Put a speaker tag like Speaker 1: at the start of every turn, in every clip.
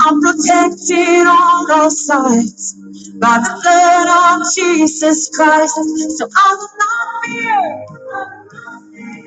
Speaker 1: I'm protected on all sides by the blood of Jesus Christ. So I will not fear.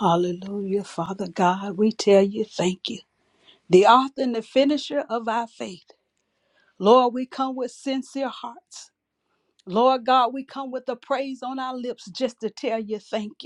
Speaker 2: Hallelujah. Father God, we tell you thank you, the author and the finisher of our faith. Lord, we come with sincere hearts. Lord God, we come with the praise on our lips just to tell you thank you.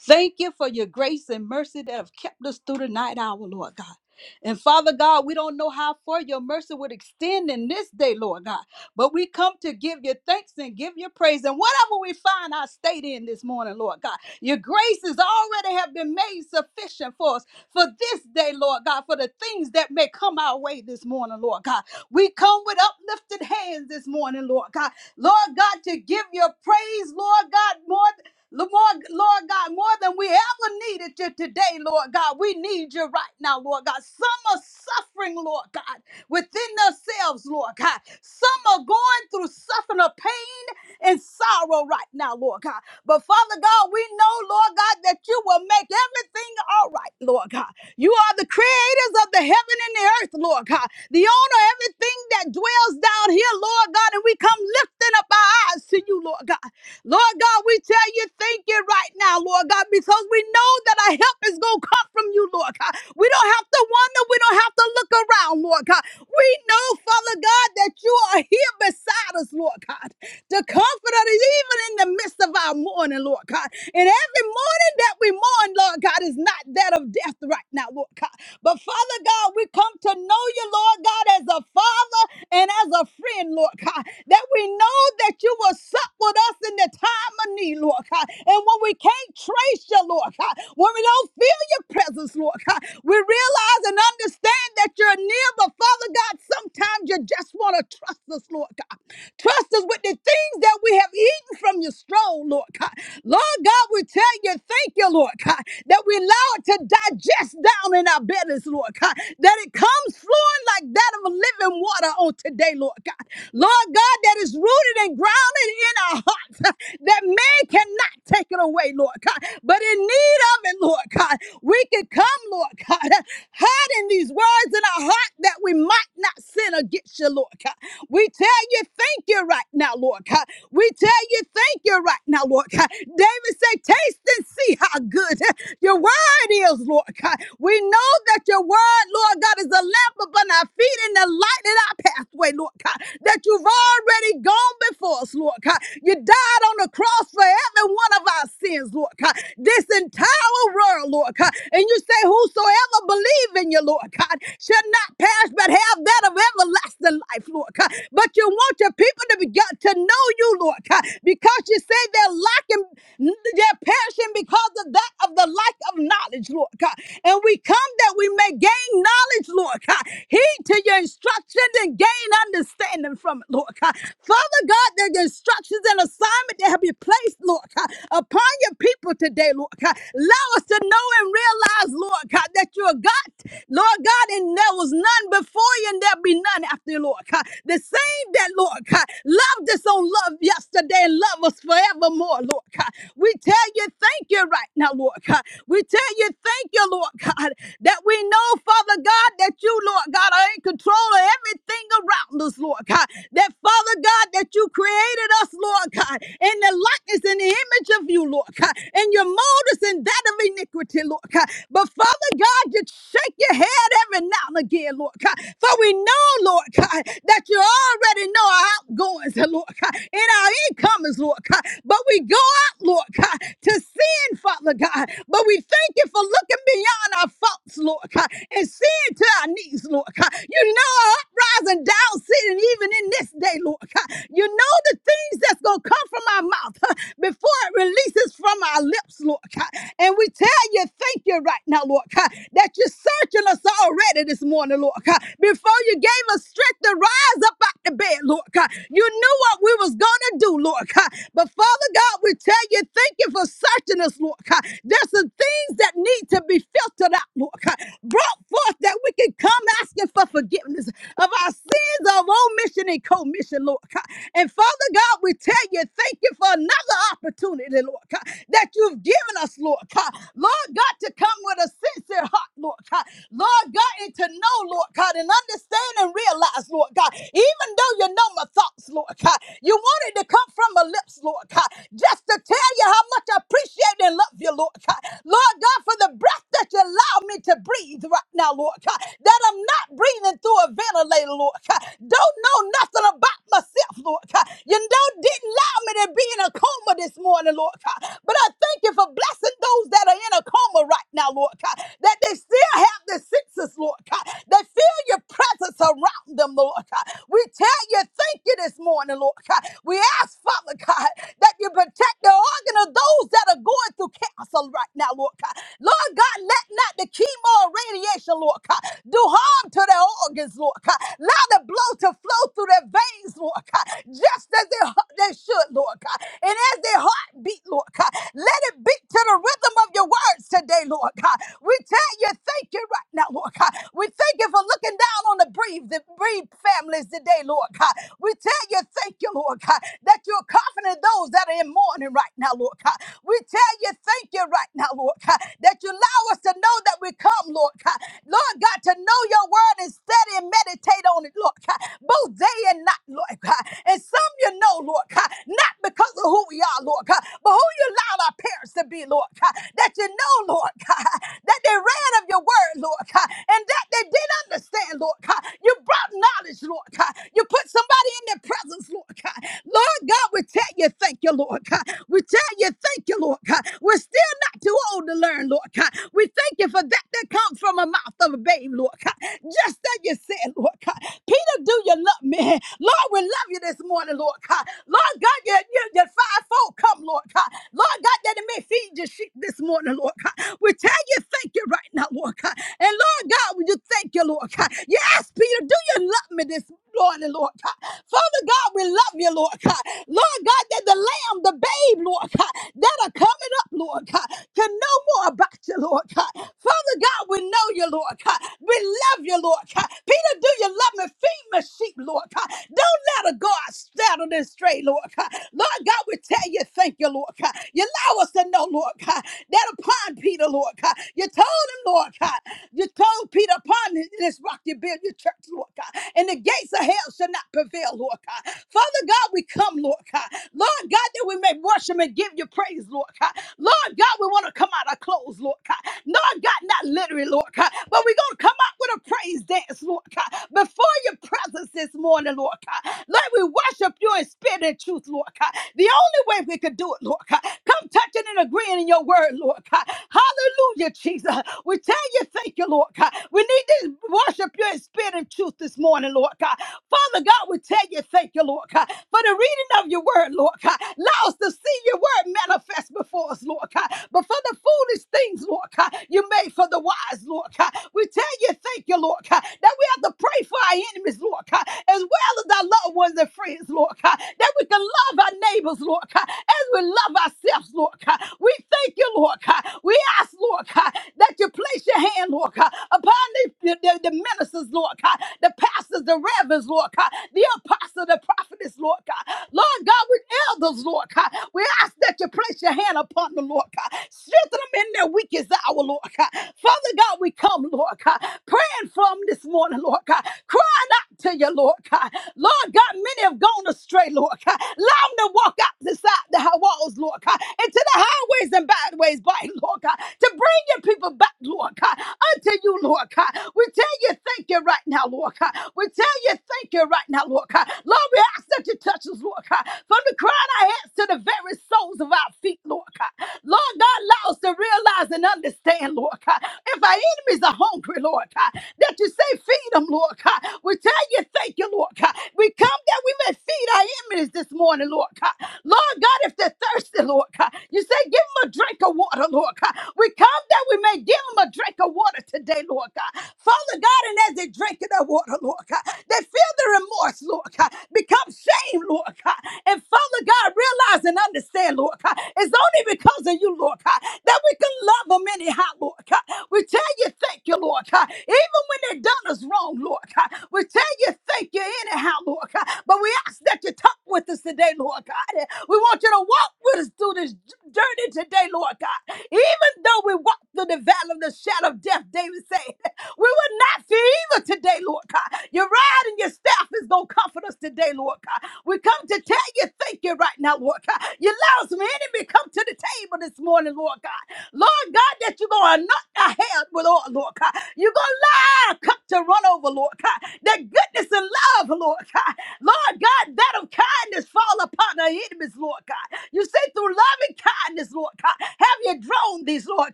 Speaker 2: Thank you for your grace and mercy that have kept us through the night hour, Lord God. And Father God, we don't know how far your mercy would extend in this day, Lord God. But we come to give you thanks and give you praise. And whatever we find our state in this morning, Lord God, your graces already have been made sufficient for us for this day, Lord God, for the things that may come our way this morning, Lord God. We come with uplifted hands this morning, Lord God. Lord God, to give your praise, Lord God, more Lord, Lord God, more than we ever needed you today, Lord God. We need you right now, Lord God. Some are suffering, Lord God, within themselves, Lord God. Some are going through suffering of pain and sorrow right now, Lord God. But Father God, we know, Lord God, that you will make everything all right, Lord God. You are the creators of the heaven and the earth, Lord God. The owner of everything that dwells down here, Lord God, and we come lifting up our eyes to you, Lord God. Lord God, we tell you thank you right now, Lord God, because we know that our help is going to come from you, Lord God. We don't have to wonder. We don't have to look around, Lord God. We know, Father God, that you are here beside us, Lord God the comforter is even in the midst of our mourning, Lord God. And every mourning that we mourn, Lord God, is not that of death right now, Lord God. But Father God, we come to know you, Lord God, as a father and as a friend, Lord God, that we know that you will sup with us in the time of need, Lord God. And when we can't trace you, Lord God, when we don't feel your presence, Lord God, we realize and understand that you're near, but Father God, sometimes you just want to trust us, Lord God. Trust us with the things that we have eaten from your strong, Lord God. Lord God, we tell you, thank you, Lord God, that we allow it to digest down in our bellies, Lord God, that it comes flowing like that of a living water on today, Lord God. Lord God, that is rooted and grounded in our hearts, that man cannot take it away, Lord God, but in need of it, Lord God, we can come, Lord God, hiding these words in our heart that we might not sin against you, Lord God. We tell you thank you right now, Lord God. We tell you thank you right now, Lord God. David said, taste and see how good your word is, Lord God. We know that your word, Lord God, is a lamp upon our feet and a light in our pathway, Lord God. That you've already gone before us, Lord God. You died on the cross for every one of our sins, Lord God. This entire world, Lord God. And you say, Whosoever believe in you, Lord God, shall not perish but have that of everlasting everlasting life, Lord God. But you want your people to begin to know you, Lord God, because you say they're lacking, they're perishing because of that of the lack of knowledge, Lord God. And we come that we may gain knowledge, Lord God. Heed to your instructions and gain understanding from it, Lord God. Father God, the instructions and assignment that have been placed, Lord God, upon your people today, Lord God. Allow us to know and realize, Lord God, that you are God, Lord God, and there was none before before you and there be none after you, Lord God. The same that, Lord God, loved us on love yesterday and love us forevermore, Lord God. We tell you thank you right now, Lord God. We tell you thank you, Lord God, that we know, Father God, that you, Lord God, are in control of everything around us, Lord God. That, Father God, that you created us, Lord God, in the likeness and the image of you, Lord God, and you mold us in that of iniquity, Lord God. But, Father God, you shake your head every now now again, Lord God. For we know, Lord God, that you already know our outgoings, Lord God, and our incomings, Lord God. But we go out, Lord God, to sin, Father God. But we thank you for looking beyond our faults, Lord God, and seeing to our needs, Lord God. You know our uprising, down sitting, even in this day, Lord God. You know the things that's going to come from our mouth huh, before it releases from our lips, Lord God. And we tell you, thank you right now, Lord God, that you so searching us already this morning, Lord God. Before you gave us strength to rise up out the bed, Lord God, you knew what we was gonna do, Lord God. But Father God, we tell you, thank you for searching us, Lord God. There's some things that need to be filtered out, Lord God, brought forth that we can come asking for forgiveness of our sins of omission and commission, Lord God. And Father God, we tell you, thank you for another opportunity, Lord God, that you've given us, Lord God. Lord God, to come with a sincere heart, Lord God. Lord God, and to know, Lord God, and understand and realize, Lord God, even though you know my thoughts, Lord God, you wanted to come from my lips, Lord God, just to tell you how much I appreciate and love you, Lord God. Lord God, for the breath that you allow me to breathe right now, Lord God, that I'm not breathing through a ventilator, Lord God. Don't know nothing about myself, Lord God. You know, didn't allow me to be in a coma this morning, Lord God. But I thank you for blessing those that are in a coma armor right now, Lord God, that they still have the senses, Lord God, they feel your presence around them, Lord God. We tell you, thank you this morning, Lord God. We ask, Father God, that you protect the organ of those that are going through cancer right now, Lord God. Lord God, let not the chemo or radiation, Lord God, do harm to their organs, Lord God. Allow the blood to flow through their veins, Lord God, just as they, they should, Lord God. And as their heart beat, Lord God, let it beat to the rhythm of your words today, Lord God. We tell you thank you right now, Lord God. We thank you for looking down on the breathe, the breathe families today, Lord God. We tell you thank you, Lord God, that you're comforting those that are in mourning right now, Lord God. We tell you thank you right now, Lord God, that you allow us to know that we come, Lord God. Lord God, to know your word and study and meditate on it, Lord God, both day and night, Lord God. And some you know, Lord God, not because of who we are, Lord God, but who you allow allowed our parents to be, Lord God. That you know, Lord God, that they read of your word, Lord God, and that they did understand, Lord God. You brought knowledge, Lord God. You put somebody in their presence, Lord God. Lord God, we tell you, thank you, Lord God. We tell you, thank you, Lord God. We're still not too old to learn, Lord God. We thank you for that that comes from a mouth of a babe, Lord God. Just that you said, Lord God. Peter, do you love me? Lord, we love you this morning, Lord God. Lord God, you, you, you fivefold come, come, Lord God. Lord God, that it may feed your sheep this morning, Lord God. We tell you thank you right now, Lord God. And Lord God, we just thank you, Lord God. You asked Peter, do you love me this morning, Lord God? Father God, we love you, Lord God. Lord God, that the lamb, the babe, Lord God, that are coming up, Lord God, can know more about you, Lord God. Father God, we know you, Lord God. We love you, Lord God. Peter, do you love me? Feed my sheep, Lord God. Don't let a God startle this stray, Lord God. Lord God, we tell you, thank you, Lord God. You allow us to know, Lord God, that upon Peter, Lord God, you told him, Lord God, you told Peter, upon this rock you build your church, Lord God, and the gates of hell shall not prevail, Lord God. Father God, we come, Lord God. Lord God, that we may worship and give you praise, Lord God. Lord God, we want to come out of clothes, Lord God. Lord God, not literally, Lord God, but we're going to come out with a praise dance, Lord God, before your presence this morning, Lord God. Lord, we worship you in spirit spirit and truth, Lord God. The only way we could do it, Lord God. Come touching and agreeing in your word, Lord God. Hallelujah, Jesus. We tell you, thank you, Lord God. We need to worship you in spirit and truth this morning, Lord God. Father God, we tell you, thank you, Lord God, for the reading of your word, Lord God. Allow us to see your word manifest before us, Lord God. But for the foolish things, Lord God, you made for the wise, Lord God. We tell you, thank you, Lord God, that we have to pray for our enemies, Lord God, as well as our loved ones and friends, Lord God, that we can love our neighbors, Lord God, as we love ourselves, Lord God. We thank you, Lord God. We ask, Lord God, that you place your hand, Lord God, upon the, the, the- the ministers, Lord God, the pastors, the reverends, Lord God, the apostles, the prophets, Lord God. Lord God, with elders, Lord God, we ask that you place your hand upon them, Lord God. Strengthen them in their weakest hour, Lord God. Father God, we come, Lord God, praying from this morning, Lord God, crying out to you, Lord God. God. Lord God, many have gone astray, Lord God. Allow them to walk outside the side the high walls, Lord God, into the highways and byways, by Lord God, to bring your people back, Lord God, unto you, Lord God. We tell you thank you right now, Lord God. We tell you thank you right now, Lord God. Lord, we ask that you touch us, Lord God, from the crown of our heads to the very soles of our feet, Lord God. Lord God, allow us to realize and understand, Lord God, if our enemies are hungry, Lord God, that you say feed them, Lord God. We tell tell you thank you, Lord God. We come that we may feed our enemies this morning, Lord God. Lord God, if they're thirsty, Lord God, you say give them a drink of water, Lord God. We come that we may give them a drink of water today, Lord God. Father God, and as they drink of that water, Lord God, they feel the remorse, Lord God, become shame, Lord God. And Father God, realize and understand, Lord God, it's only because of you, Lord God, that we can love them anyhow, Lord God. We tell you thank you, Lord God. Even when they have done us wrong, Lord God, we tell you thank you anyhow, Lord God. But we ask that you talk with us today, Lord God. We want you to walk with us through this journey today, Lord God. Even though we walk through the valley of the shadow of death, David said, we will not fear evil today, Lord God. Your rod and your staff is going to comfort us today, Lord God. We come to tell you thank you right now, Lord God. You allow some enemy come to the table this morning, Lord God. Lord God, that you you're going to knock the head with oil, Lord God. You're going to allow a cup to run over, Lord God. That goodness and love, Lord God. Lord God, that of kindness fall upon our enemies, Lord God. You say through loving kindness, Lord God, have you drawn these, Lord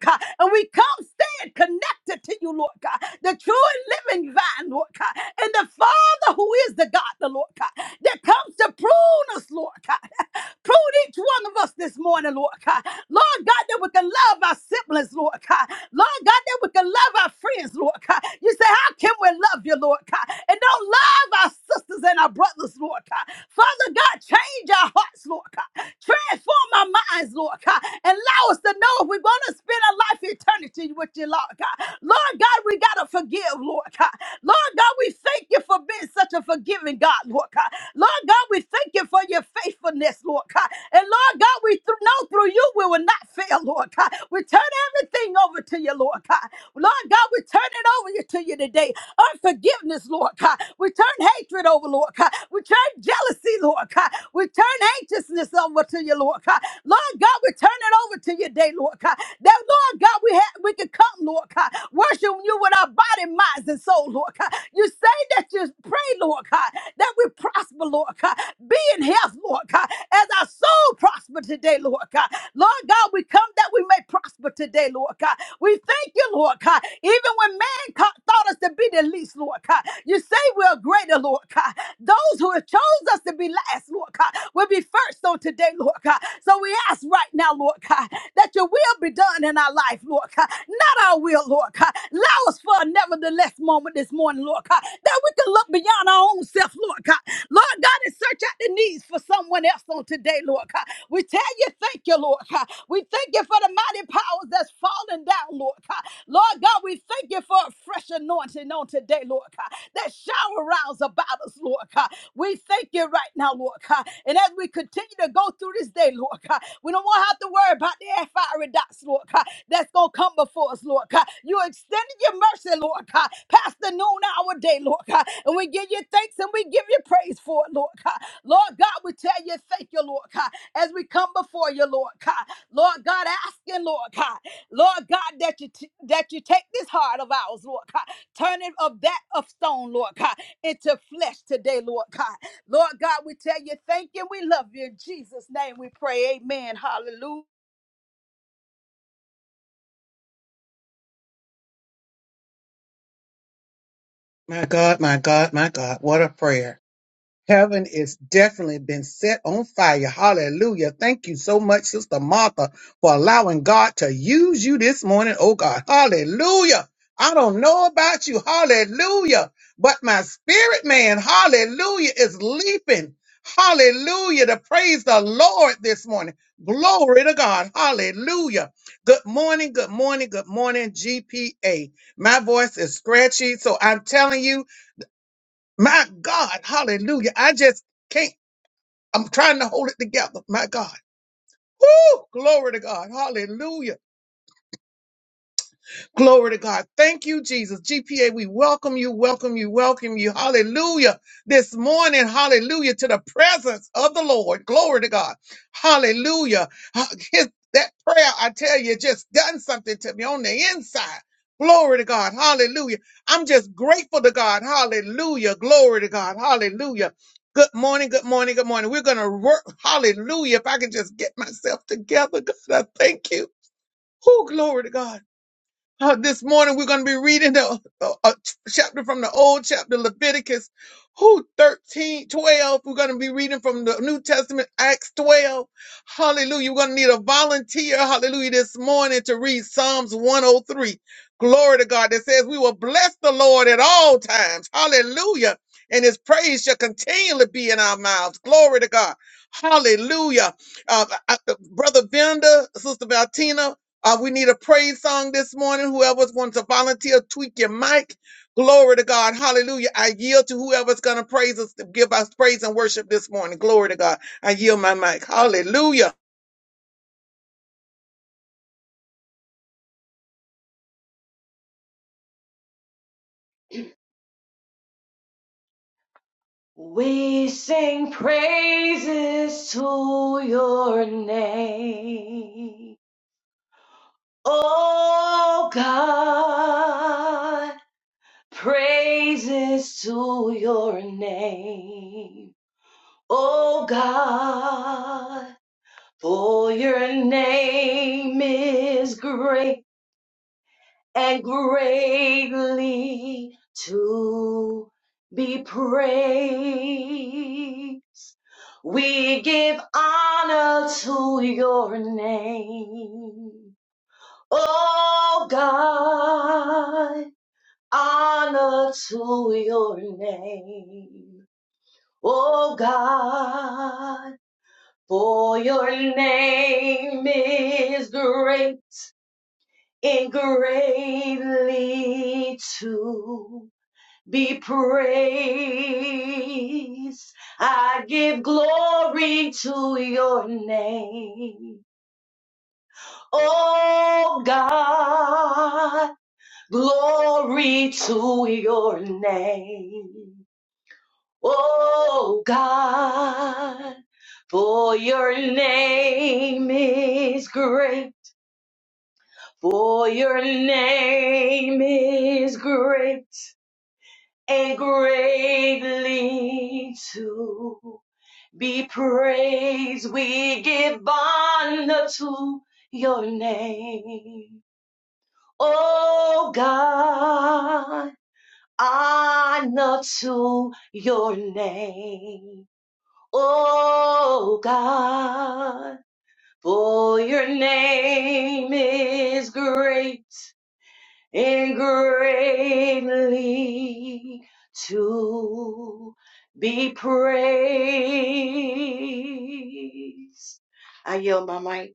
Speaker 2: God. And we come stand connected to you, Lord God. The true and living vine, Lord God. And the Father who is the God, the Lord God, that comes to prune us, Lord God. Prune each one of us this morning, Lord God. Lord God, that we can love our ourselves siblings, Lord God. Lord God, that we can love our friends, Lord God. You say, How can we love you, Lord God? And don't love our sisters and our brothers, Lord God. Father God, change our hearts, Lord God. Transform our minds, Lord God. And allow us to know if we're going to spend our life eternity with you, Lord God. Lord God, we got to forgive, Lord God. Lord God, we thank you for being such a forgiving God, Lord God. Lord God, we thank you for your faithfulness, Lord God. And Lord God, we th- know through you we will not fail, Lord God. We turn everything over to you, Lord God. Lord God, we turn it over to you today. Unforgiveness, Lord God. We turn hatred over, Lord God. We turn jealousy, Lord God. We turn anxiousness over to you, Lord God. Lord God, we turn it over to you today, Lord God. That, Lord God, we have, we can come, Lord God, worshiping you with our body, minds, and soul, Lord God. You say that you pray, Lord God, that we prosper, Lord God. Be in health, Lord God, as our soul prosper today, Lord God. Lord God, we come that that we may prosper today, Lord God. We thank you, Lord God. Even when man co- thought us to be the least, Lord God, you say we're greater, Lord God. Those who have chose us to be last, Lord God, will be first on today, Lord God. So we ask right now, Lord God, that your will be done in our life, Lord God. Not our will, Lord God. Allow us for a nevertheless moment this morning, Lord God, that we can look beyond our own self, Lord God. Lord God, and search out the needs for someone else on today, Lord God. We tell you, thank you, Lord God. We we thank you for the mighty powers that's falling down, Lord God. Lord God, we thank you for a fresh anointing on today, Lord God, that shower rounds about us, Lord God. We thank you right now, Lord God. And as we continue to go through this day, Lord God, we don't want to have to worry about the fiery dots, Lord God, that's going to come before us, Lord God. You extended your mercy, Lord God, past the noon hour day, Lord God. And we give you thanks and we give you praise for it, Lord God. Lord God, we tell you thank you, Lord God, as we come before you, Lord God. Lord God, asking, Lord God, Lord God, that you t- that you take this heart of ours, Lord God, turn it of that of stone, Lord God, into flesh today, Lord God. Lord God, we tell you thank you, we love you. In Jesus' name we pray. Amen. Hallelujah.
Speaker 3: We sing praises to your name. Oh God, praises to your name. Oh God, for your name is great and greatly to be praised. We give honor to your name. Oh God, honor to your name. Oh God, for your name is great and greatly to be praised. I give glory to your name. Oh God, glory to your name. Oh God, for your name is great. For your name is great and greatly to Be praise, we give honor to your name. Oh God, honor to your name. Oh God, for your name is great and greatly to be praised. I yield my mic.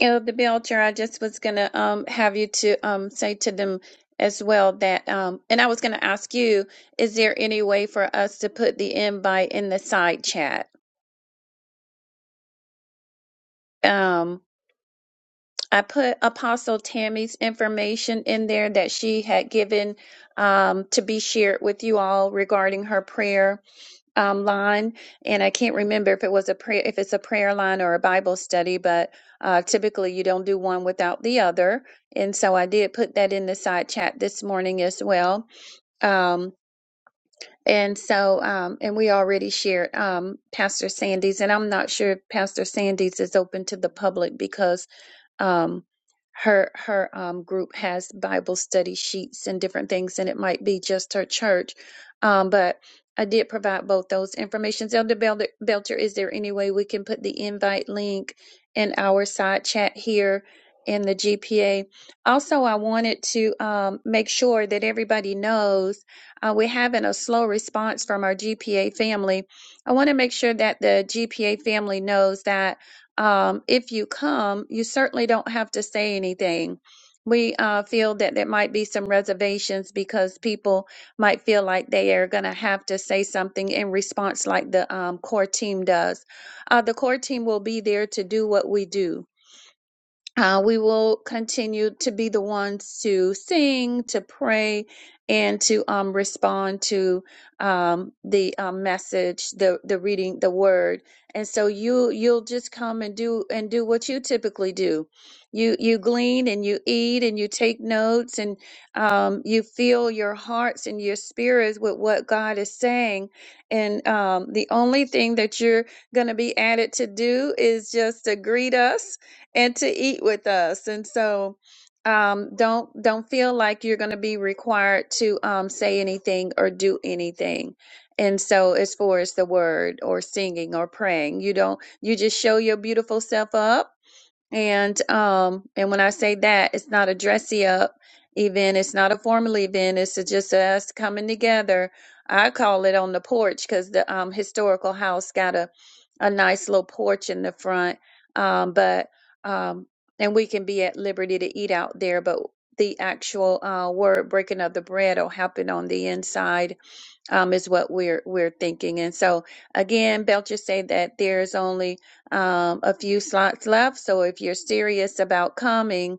Speaker 4: Uh, the Belcher, I just was gonna um have you to um say to them as well that um and I was gonna ask you, is there any way for us to put the invite in the side chat? Um I put Apostle Tammy's information in there that she had given um to be shared with you all regarding her prayer um, line, and I can't remember if it was a prayer, if it's a prayer line or a Bible study, but uh, typically you don't do one without the other. And so I did put that in the side chat this morning as well. Um, and so, um, and we already shared um, Pastor Sandy's, and I'm not sure if Pastor Sandy's is open to the public because um, her her um, group has Bible study sheets and different things, and it might be just her church. Um, but I did provide both those informations. Elder Belder- Belcher, is there any way we can put the invite link in our side chat here in the GPA? Also, I wanted to um, make sure that everybody knows uh, we're having a slow response from our GPA family. I want to make sure that the GPA family knows that um, if you come, you certainly don't have to say anything. We uh, feel that there might be some reservations because people might feel like they are going to have to say something in response, like the um, core team does. Uh, the core team will be there to do what we do uh, we will continue to be the ones to sing, to pray, and to um, respond to um, the um, message, the the reading, the word. And so you you'll just come and do and do what you typically do. You you glean and you eat and you take notes and um, you fill your hearts and your spirits with what God is saying. And um, the only thing that you're going to be added to do is just to greet us and to eat with us. And so um, don't don't feel like you're going to be required to um, say anything or do anything. And so as far as the word or singing or praying, you don't you just show your beautiful self up and um, and when I say that, it's not a dressy up event. It's not a formal event. It's a- just us coming together. I call it on the porch because the um, historical house got a a nice little porch in the front. Um, but um, and we can be at liberty to eat out there. But the actual uh, word breaking of the bread will happen on the inside um, is what we're we're thinking. And so again, Belcher said that there's only um, a few slots left. So if you're serious about coming,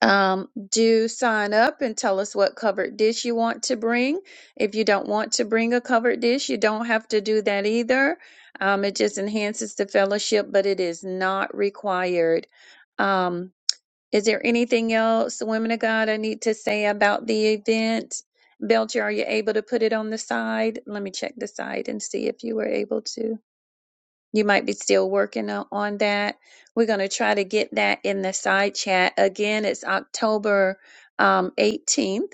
Speaker 4: um, do sign up and tell us what covered dish you want to bring. If you don't want to bring a covered dish, you don't have to do that either. Um, it just enhances the fellowship, but it is not required. Um, is there anything else, women of God, I need to say about the event? Belcher, are you able to put it on the side? Let me check the side and see if you were able to. You might be still working o- on that. We're going to try to get that in the side chat. Again, it's October um, 18th.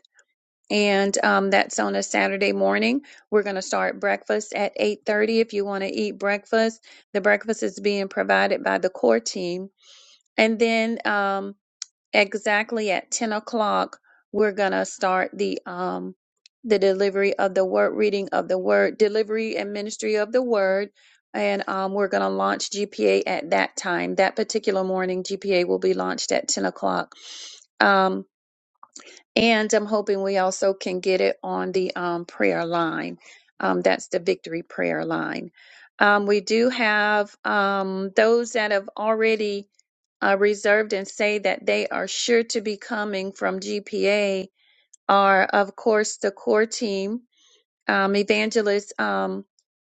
Speaker 4: And um, that's on a Saturday morning. We're going to start breakfast at 8:30. If you want to eat breakfast, the breakfast is being provided by the core team. And then um, exactly at 10 o'clock we're gonna start the um the delivery of the word reading of the word delivery and ministry of the word and um, we're going to launch GPA at that time. That particular morning, GPA will be launched at 10 o'clock. Um, and I'm hoping we also can get it on the um, prayer line. Um, that's the victory prayer line. Um, we do have um, those that have already uh, reserved and say that they are sure to be coming from GPA are, of course, the core team, um, Evangelist um,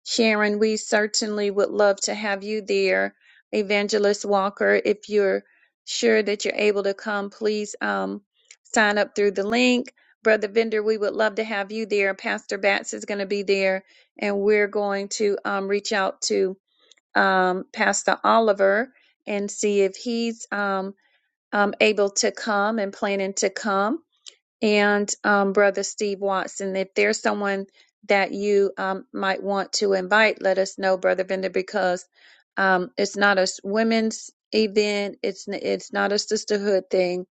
Speaker 4: Sharon. We certainly would love to have you there, Evangelist Walker. If you're sure that you're able to come, please um, sign up through the link. Brother Vender. we would love to have you there. Pastor Batts is going to be there, and we're going to um, reach out to um, Pastor Oliver and see if he's um, um, able to come and planning to come and um, Brother Steve Watson. If there's someone that you um, might want to invite, let us know, Brother Vender, because um, it's not a s- women's event. It's n- it's not a sisterhood thing.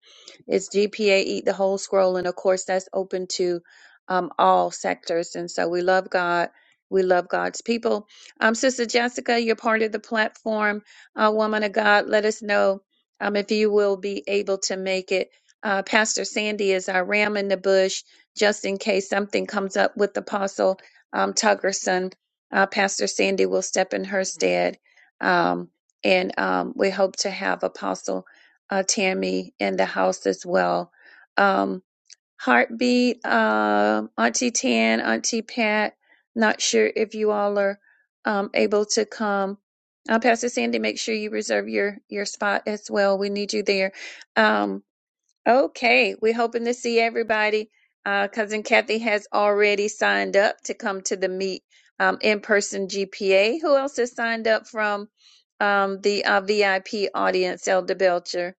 Speaker 4: It's GPA Eat the Whole Scroll, and of course that's open to um, all sectors. And so we love God. We love God's people. Um, Sister Jessica, you're part of the platform, uh, woman of God. Let us know um, if you will be able to make it. Uh, Pastor Sandy is our ram in the bush, just in case something comes up with Apostle um, Tuggerson. Uh, Pastor Sandy will step in her stead. Um, and um, we hope to have Apostle uh, Tammy in the house as well. Um, Heartbeat, uh, Auntie Tan, Auntie Pat, not sure if you all are um, able to come. Uh, Pastor Sandy, make sure you reserve your, your spot as well. We need you there. Um, Okay, we're hoping to see everybody. Uh, Cousin Kathy has already signed up to come to the meet um, in person GPA. Who else has signed up from um, the uh, VIP audience, Elder Belcher?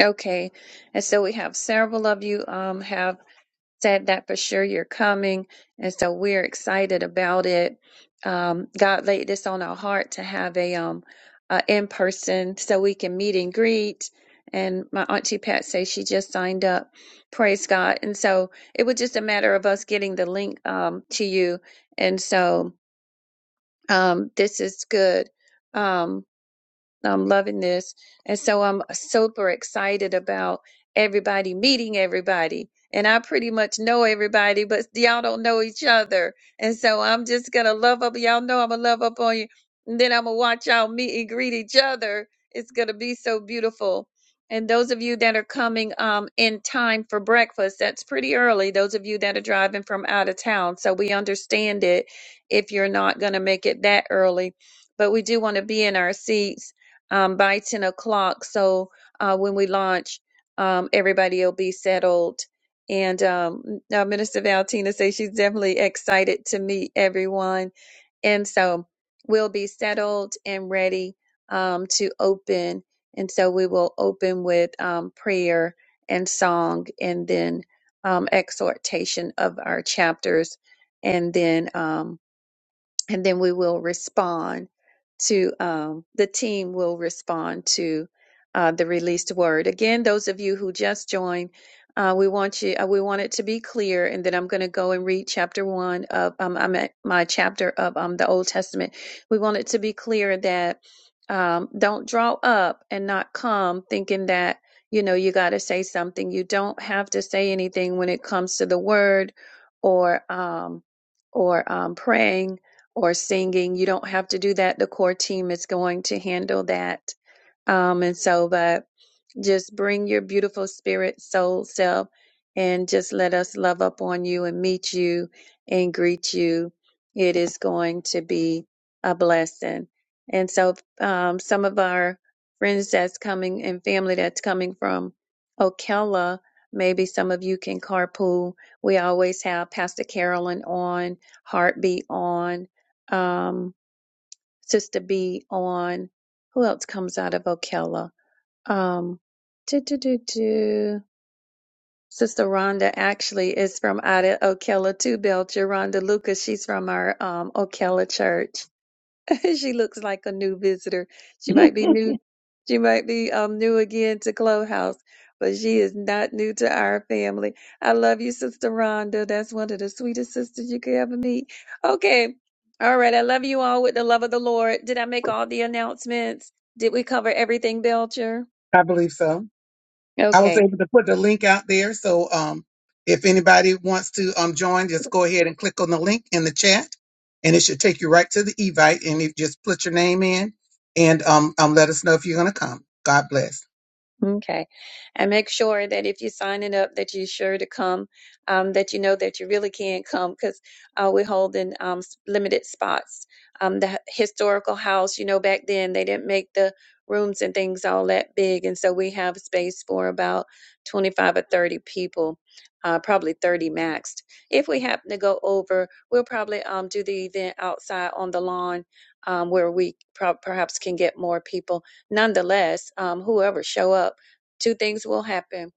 Speaker 4: Okay, and so we have several of you um, have. said that for sure you're coming. And so we're excited about it. Um, God laid this on our heart to have a, um, a in person so we can meet and greet. And my auntie Pat says she just signed up. Praise God. And so it was just a matter of us getting the link um, to you. And so um, this is good. Um, I'm loving this. And so I'm super excited about everybody meeting everybody. And I pretty much know everybody, but y'all don't know each other. And so I'm just going to love up. Y'all know I'm going to love up on you. And then I'm going to watch y'all meet and greet each other. It's going to be so beautiful. And those of you that are coming um, in time for breakfast, that's pretty early. Those of you that are driving from out of town. So we understand it if you're not going to make it that early. But we do want to be in our seats um, by 10 o'clock. So uh, when we launch, um, everybody will be settled. And um, now Minister Valentina says she's definitely excited to meet everyone. And so we'll be settled and ready um, to open. And so we will open with um, prayer and song and then um, exhortation of our chapters. And then um, and then we will respond to um, the team will respond to uh, the released word. Again, those of you who just joined, uh, we want you. Uh, we want it to be clear, and then I'm going to go and read chapter one of um, I'm at my chapter of um, the Old Testament. We want it to be clear that um, don't draw up and not come thinking that you know you got to say something. You don't have to say anything when it comes to the word or um, or um, praying or singing. You don't have to do that. The core team is going to handle that. Um, and so, but just bring your beautiful spirit, soul self, and just let us love up on you and meet you and greet you. It is going to be a blessing. And so, um, some of our friends that's coming and family that's coming from Ocala, maybe some of you can carpool. We always have Pastor Carolyn on, Heartbeat on, um, Sister B on. Who else comes out of Ocala? Um, do, do, do, do. Sister Rhonda actually is from out of Ocala too, Belcher. Rhonda Lucas, she's from our um, Ocala church. she looks like a new visitor. She might be new. She might be um, new again to Clubhouse, but she is not new to our family. I love you, Sister Rhonda. That's one of the sweetest sisters you could ever meet. Okay. All right. I love you all with the love of the Lord. Did I make all the announcements? Did we cover everything, Belcher? Okay. Okay. And make sure that if you're signing up, that you're sure to come, um, that you know that you really can come because uh, we're holding um, s- limited spots. Um, the h- historical house, you know, back then they didn't make the rooms and things all that big. And so we have space for about 25 or 30 people, uh, probably 30 maxed. If we happen to go over, we'll probably um, do the event outside on the lawn um, where we prob perhaps can get more people nonetheless, um, whoever show up, two things will happen.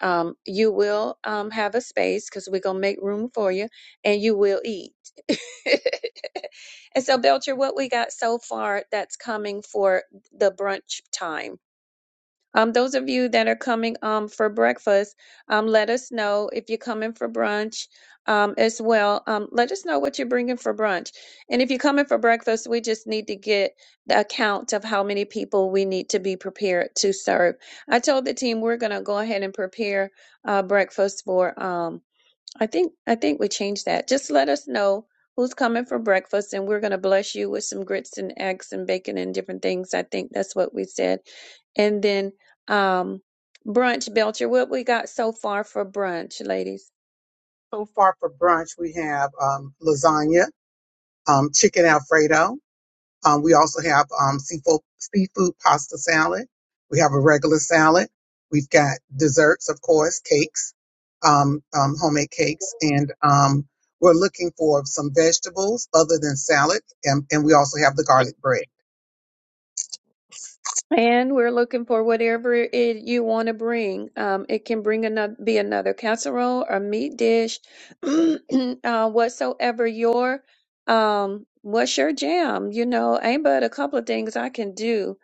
Speaker 4: Um, you will um, have a space because we're gonna make room for you, and you will eat. and so, Belcher, what we got so far that's coming for the brunch time um, those of you that are coming um, for breakfast, um, let us know if you're coming for brunch um, as well. Um, let us know what you're bringing for brunch. And if you're coming for breakfast, we just need to get the account of how many people we need to be prepared to serve. I told the team we're going to go ahead and prepare uh, breakfast for. Um, I think I think we changed that. Just let us know who's coming for breakfast, and we're gonna bless you with some grits and eggs and bacon and different things. I think that's what we said. And then um, brunch, Belcher. What we got so far for brunch, ladies? And we're looking for whatever it you want to bring. Um, it can bring another, be another casserole or meat dish, uh, whatsoever your, um, what's your jam? You know, ain't but a couple of things I can do,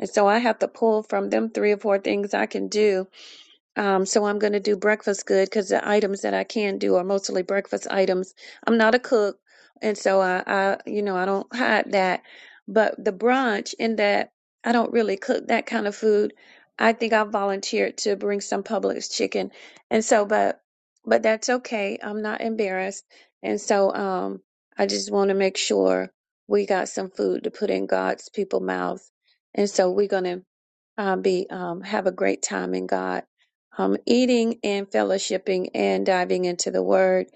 Speaker 4: and so I have to pull from them three or four things I can do. Um, so I'm going to do breakfast good because the items that I can do are mostly breakfast items. I'm not a cook, and so I, I, you know, I don't hide that. But the brunch, in that I don't really cook that kind of food, I think I volunteered to bring some Publix chicken, and so, but, but that's okay. I'm not embarrassed, and so, um, I just want to make sure we got some food to put in God's people mouths, and so we're gonna uh, be um, have a great time in God, um, eating and fellowshipping and diving into the Word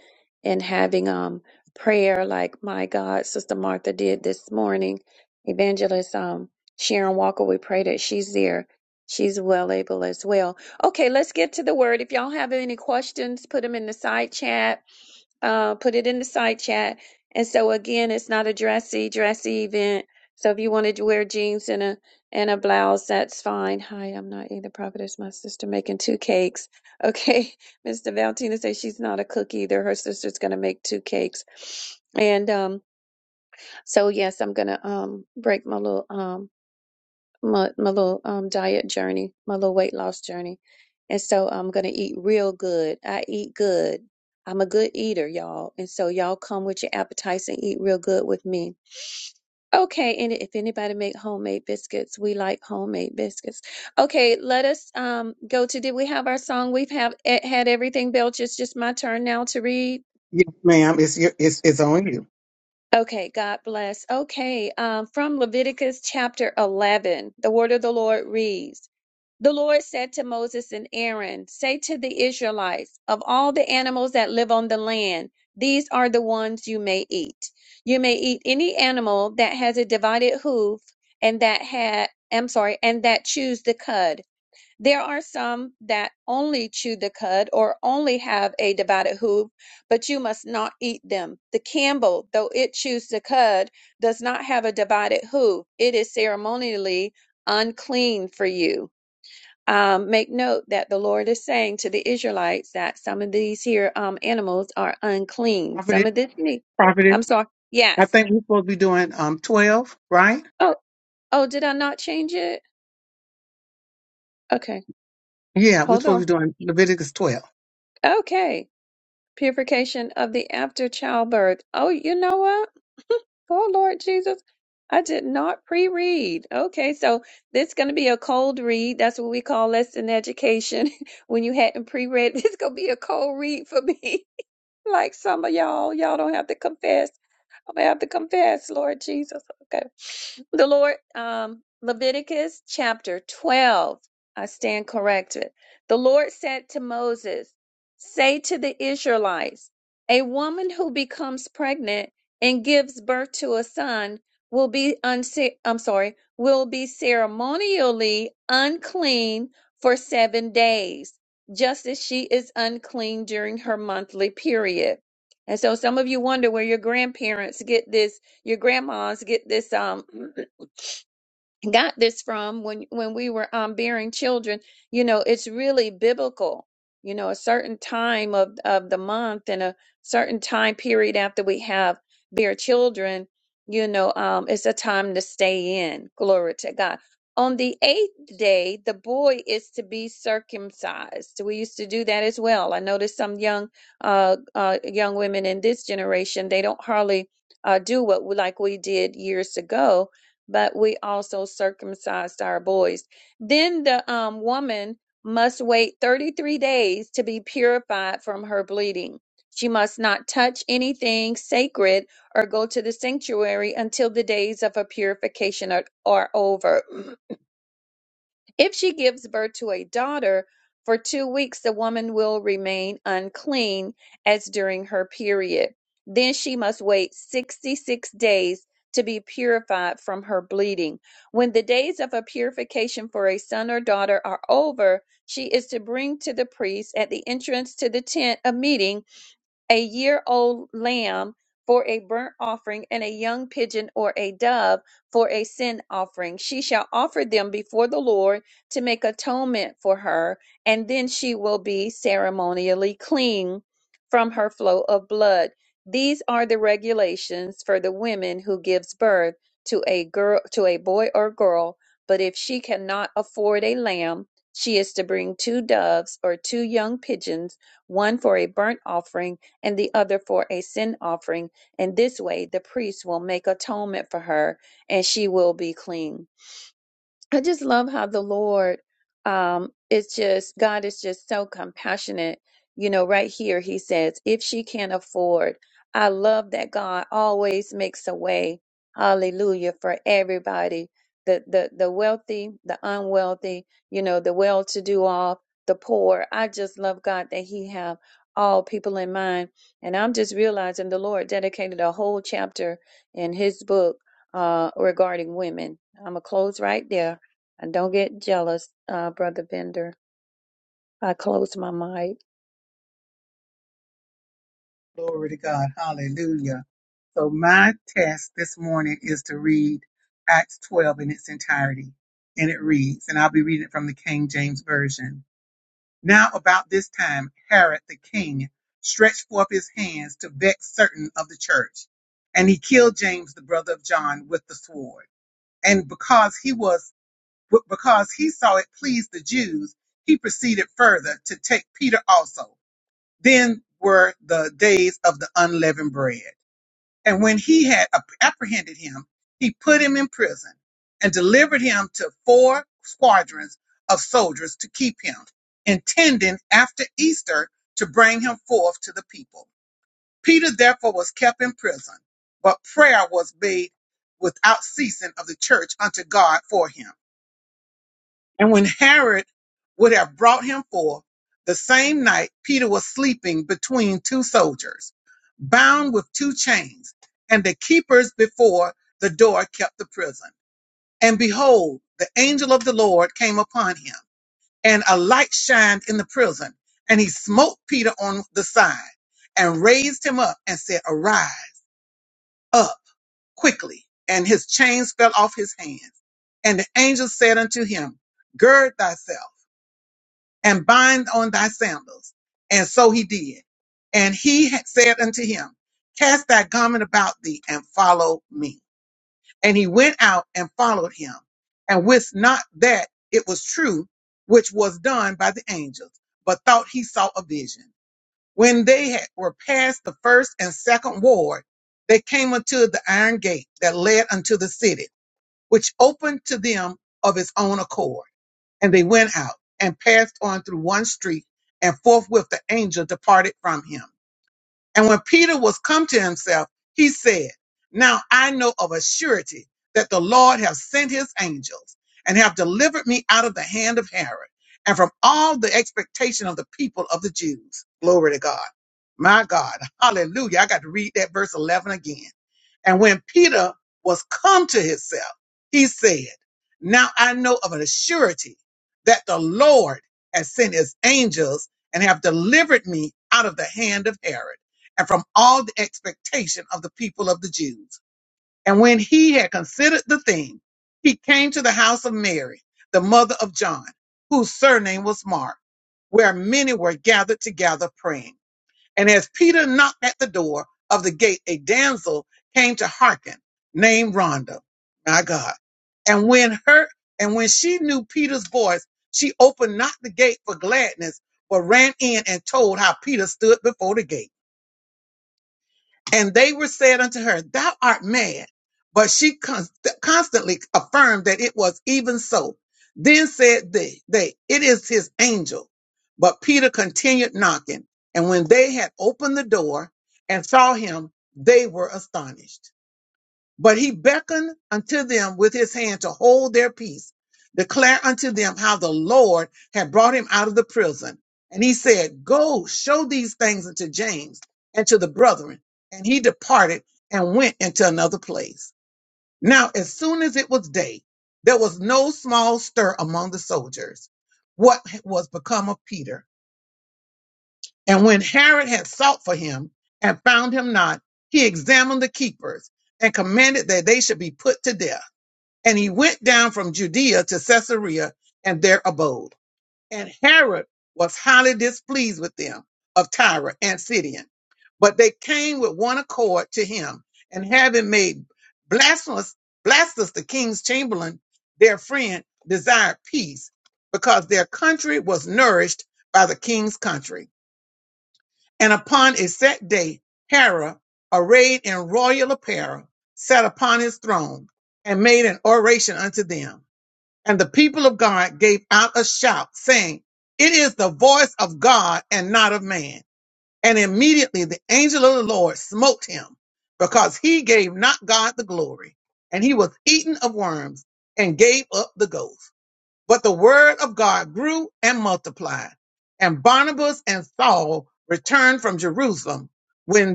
Speaker 4: and having um, prayer, like my God, Sister Martha did this morning. Evangelist um, Sharon Walker, we pray that she's there. She's well able as well. Okay, let's get to the Word. If y'all have any questions, put them in the side chat uh, put it in the side chat. And so again, it's not a dressy, dressy event. So if you want to wear jeans and a and a blouse. That's fine. Hi, I'm not either prophetess. My sister making two cakes. Okay, Mr. Valentina says she's not a cook either. Her sister's gonna make two cakes, and um, so yes, I'm gonna um break my little um my my little um diet journey, my little weight loss journey, and so I'm gonna eat real good. I eat good. I'm a good eater, y'all, and so y'all come with your appetites and eat real good with me. Okay, and if anybody make homemade biscuits, we like homemade biscuits. Okay, let us um go to did we have our song? We've have eh, had everything built. It's just my turn now to read. Okay, God bless. Okay, um, from Leviticus chapter 11, the word of the Lord reads. The Lord said to Moses and Aaron, Say to the Israelites, of all the animals that live on the land, these are the ones you may eat. You may eat any animal that has a divided hoof and that had, I'm sorry, and that chews the cud. There are some that only chew the cud or only have a divided hoof, but you must not eat them. The camel, though it chews the cud, does not have a divided hoof. It is ceremonially unclean for you um, make note that the Lord is saying to the Israelites that some of these here um, animals are unclean. Some of this, meat- I'm sorry. Yes. Oh, oh, did I not change it? Okay, hold on. Okay, purification of the after childbirth. Oh, you know what? Oh, Lord Jesus, I did not pre-read. Okay, so this is going to be a cold read. That's what we call lesson education. when you hadn't pre-read, this is going to be a cold read for me. Like some of y'all, y'all don't have to confess. I'm gonna have to confess, Lord Jesus. Okay. The Lord, um, Leviticus chapter 12. I stand corrected. The Lord said to Moses, Say to the Israelites, a woman who becomes pregnant and gives birth to a son will be unce- I'm sorry, will be ceremonially unclean for seven days, just as she is unclean during her monthly period. And so some of you wonder where your grandparents get this, your grandmas get this um got this from when when we were um bearing children you know it's really biblical you know a certain time of of the month and a certain time period after we have bear children you know um it's a time to stay in glory to god on the eighth day the boy is to be circumcised we used to do that as well i noticed some young uh uh young women in this generation they don't hardly uh do what we, like we did years ago but we also circumcised our boys. Then the um, woman must wait 33 days to be purified from her bleeding. She must not touch anything sacred or go to the sanctuary until the days of her purification are, are over. If she gives birth to a daughter, for two weeks the woman will remain unclean as during her period. Then she must wait 66 days to be purified from her bleeding. When the days of her purification for a son or daughter are over, she is to bring to the priest at the entrance to the tent of meeting a year old lamb for a burnt offering, and a young pigeon or a dove for a sin offering. She shall offer them before the Lord to make atonement for her, and then she will be ceremonially clean from her flow of blood. These are the regulations for the women who gives birth to a girl to a boy or girl, but if she cannot afford a lamb, she is to bring two doves or two young pigeons, one for a burnt offering and the other for a sin offering. In this way, the priest will make atonement for her, and she will be clean. I just love how the Lord, um, it's just, God is just so compassionate. You know, right here, he says, if she can't afford, I love that God always makes a way. Hallelujah for everybody. The, the, the wealthy, the unwealthy, you know, the well-to-do off, the poor. I just love God that he have all people in mind. And I'm just realizing the Lord dedicated a whole chapter in his book, uh, regarding women. I'm gonna close right there. And don't get jealous, uh, Brother Bender. I closed my mic.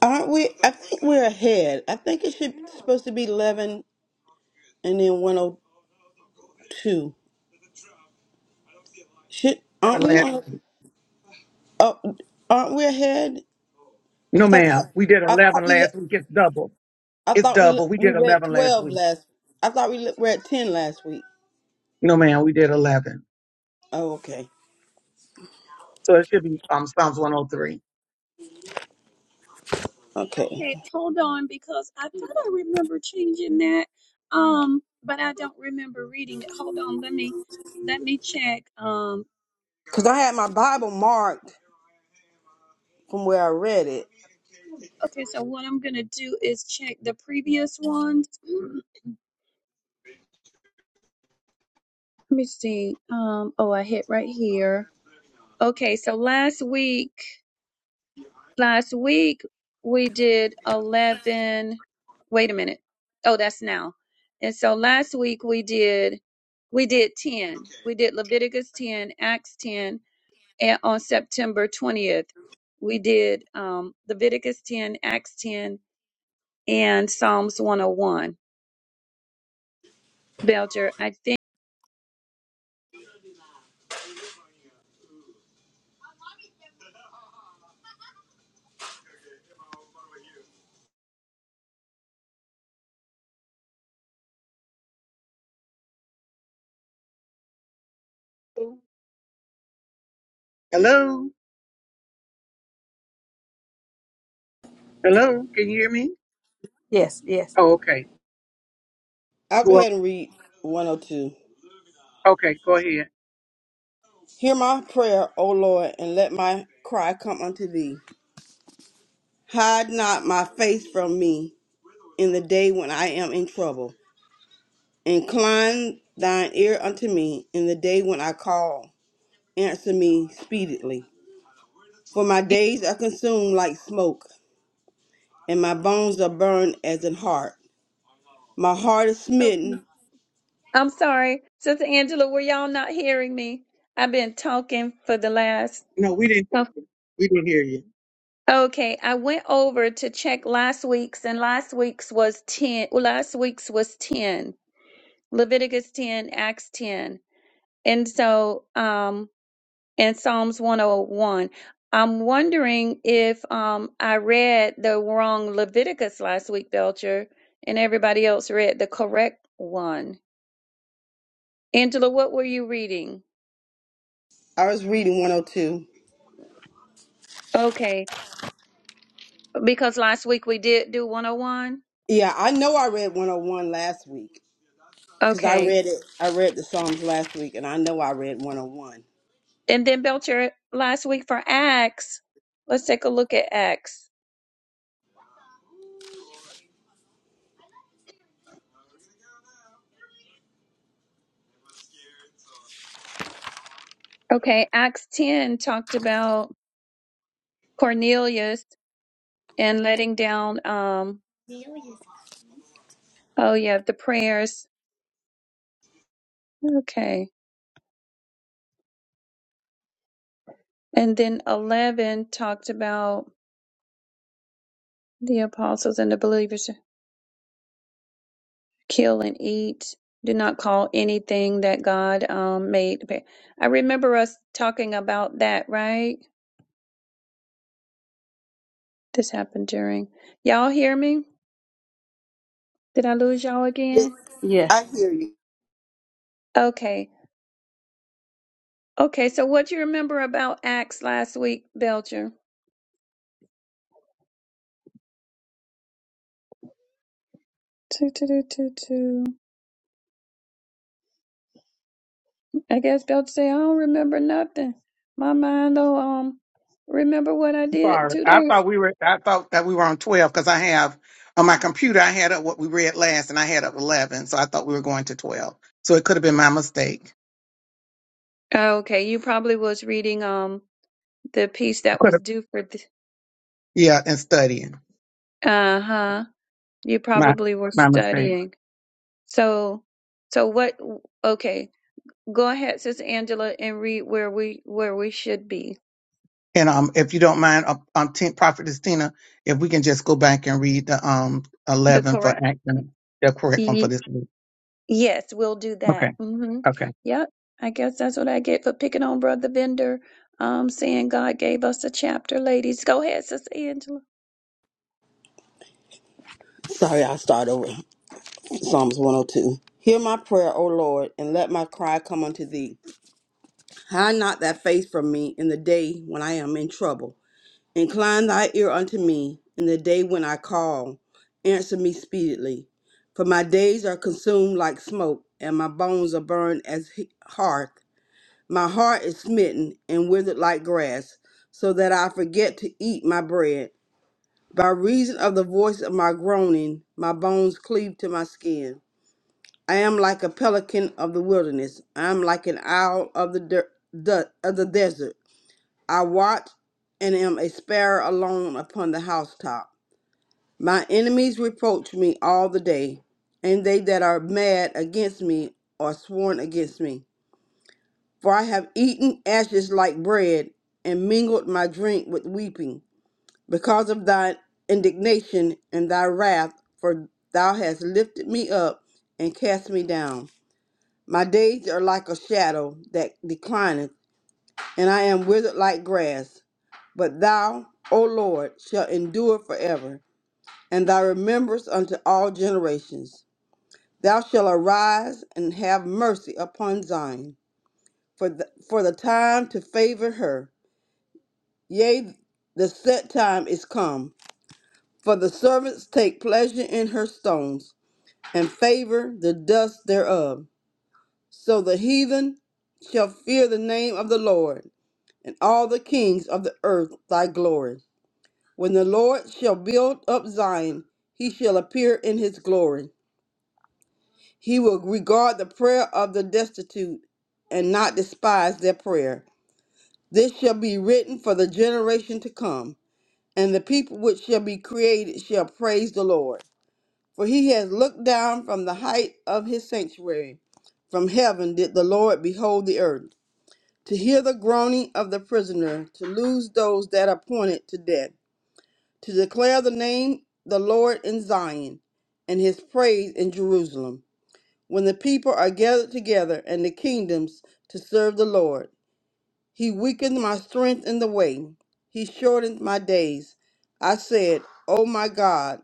Speaker 5: Aren't we? I think we're ahead. I think it should supposed to be eleven and then one oh two. Should aren't we on? Uh, aren't we ahead? Because I thought I thought we le- I thought we le- we were at twelve last. I thought we le- were at ten last week. Oh, okay, okay.
Speaker 4: Okay, hold on because I thought I remember changing that, um, but I don't remember reading it. Hold on, let me let me check. Um,
Speaker 5: Because I had my Bible marked from where I read it.
Speaker 4: okay, so what I'm gonna do is check the previous ones. Let me see. Um, oh, I hit right here. Okay, so last week. Last week we did 11. Wait a minute. Oh, that's now. And so last week we did we did 10. We did Leviticus 10, Acts 10, and on September 20th we did um Leviticus 10, Acts 10, and Psalms 101. Belcher, I think
Speaker 2: Yes, yes,
Speaker 5: I'll go ahead and read one oh two. Hear my prayer, O Lord, and let my cry come unto thee. Hide not my face from me. in the day when I am in trouble. Incline thine ear unto me in the day when I call. Answer me speedily. For my days are consumed like smoke, and my bones are burned as in heart. My heart is
Speaker 4: Okay.
Speaker 5: smitten.
Speaker 4: I'm sorry. Sister Angela, were y'all not hearing me? I've been talking for the last Okay, I went over to check last week's, and last week's was 10. Well, last week's was 10, Leviticus 10, Acts 10. And so, um, and Psalms 101. I'm wondering if um I read the wrong Leviticus last week, Belcher, and everybody else read the correct one. Angela, what were you reading?
Speaker 5: I was reading 102.
Speaker 4: Okay, because last week we did do 101.
Speaker 5: Yeah, I know I read 101 last week because I
Speaker 4: Okay.
Speaker 5: read it. I read the Psalms last week, and I know I read 101.
Speaker 4: And then Belcher last week for Acts. Let's take a look at Acts. Okay, Acts 10 talked about Cornelius and letting down um oh yeah, the prayers. Okay. And then 11 talked about the apostles and the believers to kill and eat. Do not call anything that God um made. Okay. I remember us talking about that, right? This happened during. Y'all hear me? Did I lose y'all
Speaker 5: Yes,
Speaker 4: again?
Speaker 5: I
Speaker 2: yes.
Speaker 5: hear you.
Speaker 4: Okay. Okay, so what do you remember about Acts last week, Belcher? Two, two, two, two, two. I guess Belcher say I don't remember nothing. My mind don't um remember what I did two days. Okay, you probably was reading um the piece that was due for th- uh huh. You probably were studying. So, so what? Okay, go ahead, Sister Angela, and read where we where we should be. The correct. Yes, we'll do that. hmm Yep. I guess that's what I get for picking on Brother Bender. Um, saying God gave us a chapter, ladies. Go ahead, Sister Angela.
Speaker 5: Sorry, I'll start over. Psalms 102. Hear my prayer, O Lord, and let my cry come unto thee. Hide not thy face from me in the day when I am in trouble. Incline thy ear unto me in the day when I call. Answer me speedily. For my days are consumed like smoke, and my bones are burned as he- hearth. My heart is smitten and withered like grass, so that I forget to eat my bread. By reason of the voice of my groaning, my bones cleave to my skin. I am like a pelican of the wilderness. I am like an owl of the, der- the of the desert. I watch and am a sparrow alone upon the housetop. My enemies reproach me all the day, and they that are mad against me are sworn against me. For I have eaten ashes like bread, and mingled my drink with weeping, because of thy indignation and thy wrath, for thou hast lifted me up and cast me down. My days are like a shadow that declineth, and I am withered like grass. But thou, O Lord, shalt endure forever, and thy remembrance unto all generations. Thou shalt arise and have mercy upon Zion, for the, for the time to favor her. Yea, the set time is come, for the servants take pleasure in her stones, and favor the dust thereof. So the heathen shall fear the name of the Lord and all the kings of the earth thy glory. When the Lord shall build up Zion, he shall appear in his glory. He will regard the prayer of the destitute and not despise their prayer. This shall be written for the generation to come, and the people which shall be created shall praise the Lord. For he has looked down from the height of his sanctuary. From heaven did the Lord behold the earth, to hear the groaning of the prisoner, to loose those that are appointed to death. to declare the name the Lord in Zion and his praise in Jerusalem. When the people are gathered together and the kingdoms to serve the Lord, he weakened my strength in the way, he shortened my days. I said, O my God,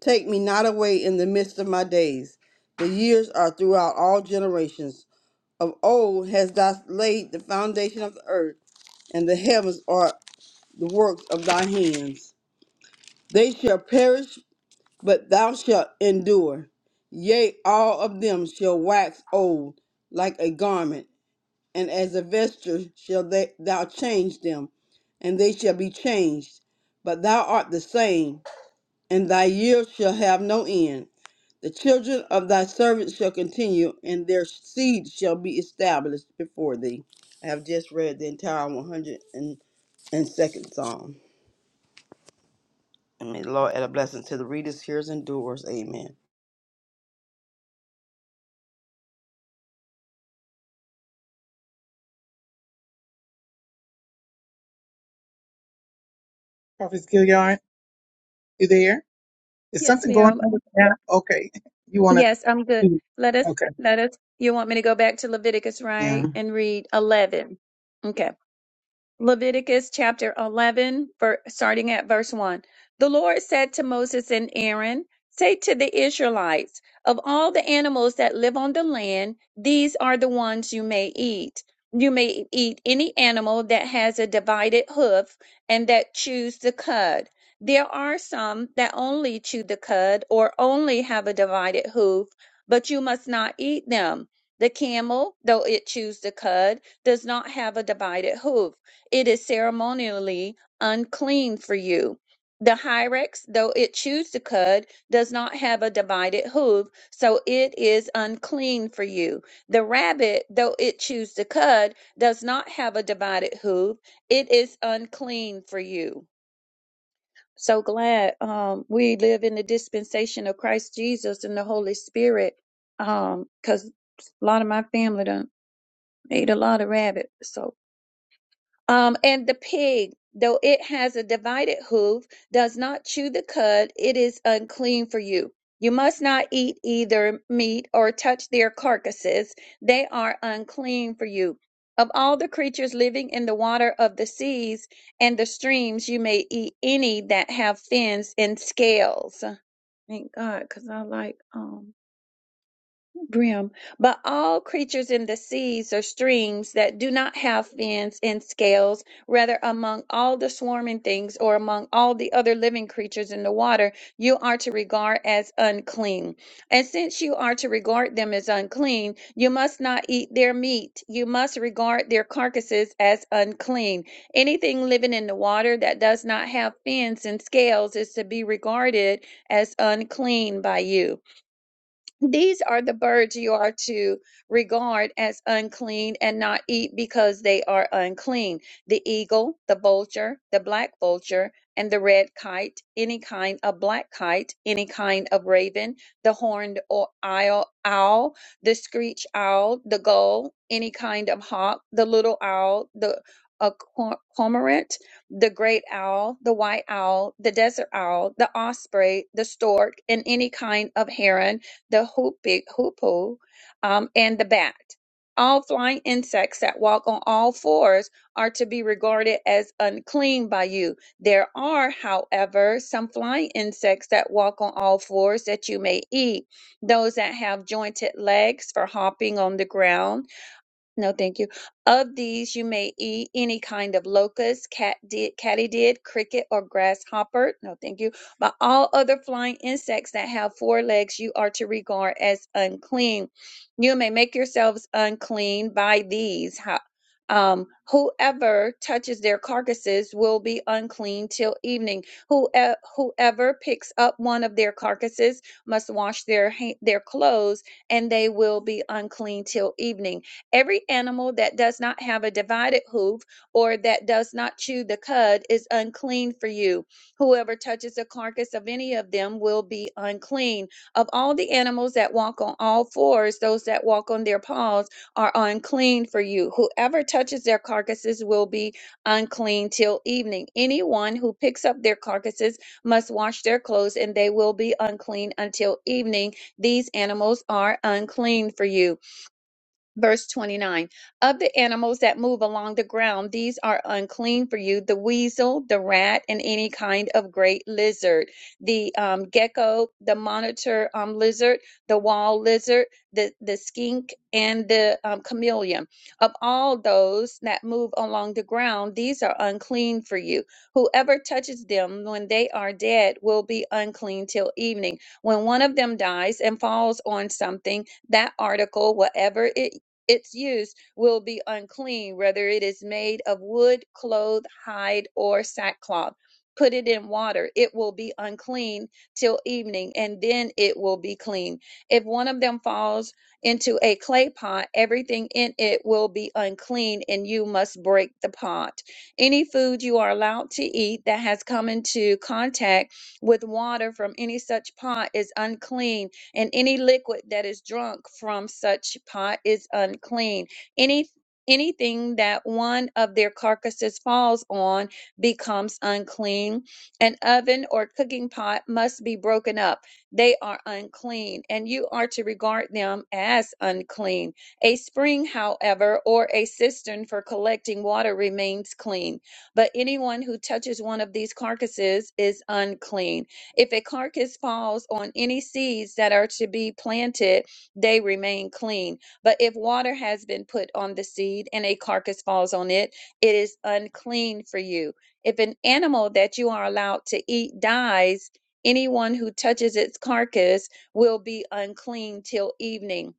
Speaker 5: take me not away in the midst of my days. The years are throughout all generations. Of old has thou laid the foundation of the earth, and the heavens are the works of thy hands. They shall perish but thou shalt endure. Yea, all of them shall wax old like a garment, and as a vesture shall they, thou change them, and they shall be changed. But thou art the same, and thy years shall have no end. The children of thy servants shall continue, and their seed shall be established before thee. I have just read the entire 102nd Psalm. And may the Lord add a blessing to the readers, hearers, and doers. Amen.
Speaker 4: Yes, ma'am. Yes, I'm good. Let us, let us. You want me to go back to Leviticus, right, and read 11? Okay. Leviticus chapter 11, ver- starting at verse 1. The Lord said to Moses and Aaron, Say to the Israelites, of all the animals that live on the land, these are the ones you may eat. You may eat any animal that has a divided hoof and that chews the cud. There are some that only chew the cud or only have a divided hoof, but you must not eat them. The camel, though it chews the cud, does not have a divided hoof it is ceremonially unclean for you. The hyrax, though it chews the cud, does not have a divided hoof, so it is unclean for you. The rabbit, though it chews the cud, does not have a divided hoof, it is unclean for you. So glad um, we live in the dispensation of Christ Jesus and the Holy Spirit, because a lot of my family done ate a lot of rabbit. So um, and the pig, though it has a divided hoof, does not chew the cud, it is unclean for you. You must not eat either meat or touch their carcasses, they are unclean for you. Of all the creatures living in the water of the seas and the streams, you may eat any that have fins and scales. Thank God, because I like um brim, but all creatures in the seas or streams that do not have fins and scales, rather among all the swarming things or among all the other living creatures in the water, you are to regard as unclean. And since you are to regard them as unclean, you must not eat their meat. You must regard their carcasses as unclean. Anything living in the water that does not have fins and scales is to be regarded as unclean by you. These are the birds you are to regard as unclean and not eat because they are unclean the eagle, the vulture, the black vulture, and the red kite, any kind of black kite, any kind of raven, the horned o- owl, owl the screech owl, the gull, any kind of hawk, the little owl, the a cor- cormorant, the great owl, the white owl, the desert owl, the osprey, the stork, and any kind of heron the hoopig, hoopoe, um, and the bat. All flying insects that walk on all fours are to be regarded as unclean by you. There are, however, some flying insects that walk on all fours that you may eat. Those that have jointed legs for hopping on the ground no, thank you. Of these, you may eat any kind of locust, cat did, katydid, cricket, or grasshopper. No, thank you. But all other flying insects that have four legs, you are to regard as unclean. You may make yourselves unclean by these. Ho- Um, whoever touches their carcasses will be unclean till evening. Who, eh, whoever picks up one of their carcasses must wash their ha- their clothes, and they will be unclean till evening Every animal that does not have a divided hoof or that does not chew the cud is unclean for you. Whoever touches the carcass of any of them will be unclean. Of all the animals that walk on all fours, those that walk on their paws are unclean for you. Whoever touches their carcasses will be unclean till evening. Anyone who picks up their carcasses must wash their clothes, and they will be unclean until evening. These animals are unclean for you. Verse 29 Of the animals that move along the ground, these are unclean for you the weasel, the rat, and any kind of great lizard, the um, gecko, the monitor um, lizard, the wall lizard, the, the skink, and the um, chameleon. Of all those that move along the ground, these are unclean for you. Whoever touches them when they are dead will be unclean till evening. When one of them dies and falls on something, that article, whatever it its use will be unclean, whether it is made of wood, cloth, hide, or sackcloth. Put it in water, it will be unclean till evening, and then it will be clean. If one of them falls into a clay pot, everything in it will be unclean, and you must break the pot. Any food you are allowed to eat that has come into contact with water from any such pot is unclean and any liquid that is drunk from such pot is unclean. Any anything that one of their carcasses falls on becomes unclean. An oven or cooking pot must be broken up. They are unclean, and you are to regard them as unclean. A spring, however, or a cistern for collecting water remains clean, but anyone who touches one of these carcasses is unclean. If a carcass falls on any seeds that are to be planted, they remain clean. But if water has been put on the seed and a carcass falls on it, it is unclean for you. If an animal that you are allowed to eat dies, anyone who touches its carcass will be unclean till evening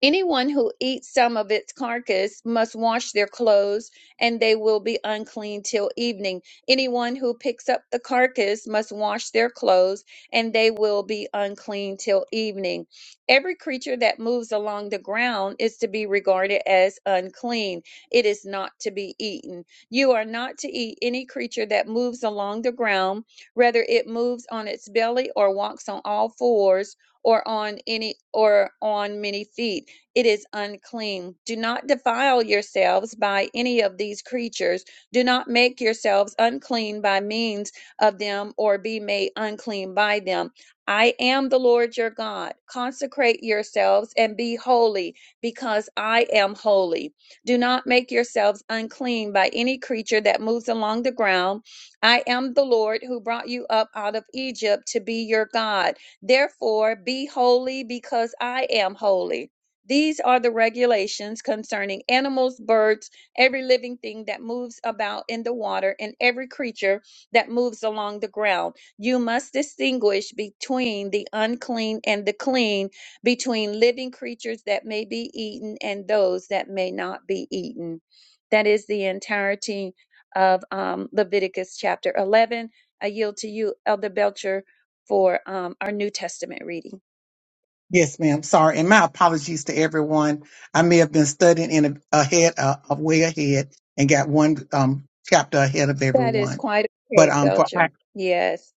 Speaker 4: Anyone who eats some of its carcass must wash their clothes, and they will be unclean till evening. Anyone who picks up the carcass must wash their clothes, and they will be unclean till evening. Every creature that moves along the ground is to be regarded as unclean. It is not to be eaten. You are not to eat any creature that moves along the ground, whether it moves on its belly or walks on all fours or on any or on many feet it is unclean. Do not defile yourselves by any of these creatures. Do not make yourselves unclean by means of them or be made unclean by them. I am the Lord your God. Consecrate yourselves and be holy, because I am holy. Do not make yourselves unclean by any creature that moves along the ground. I am the Lord who brought you up out of Egypt to be your God. Therefore, be holy, because I am holy. These are the regulations concerning animals, birds, every living thing that moves about in the water, and every creature that moves along the ground. You must distinguish between the unclean and the clean, between living creatures that may be eaten and those that may not be eaten. That is the entirety of um, Leviticus chapter 11. I yield to you, Elder Belcher, for um, our New Testament reading. That is quite okay, Belcher. Yes.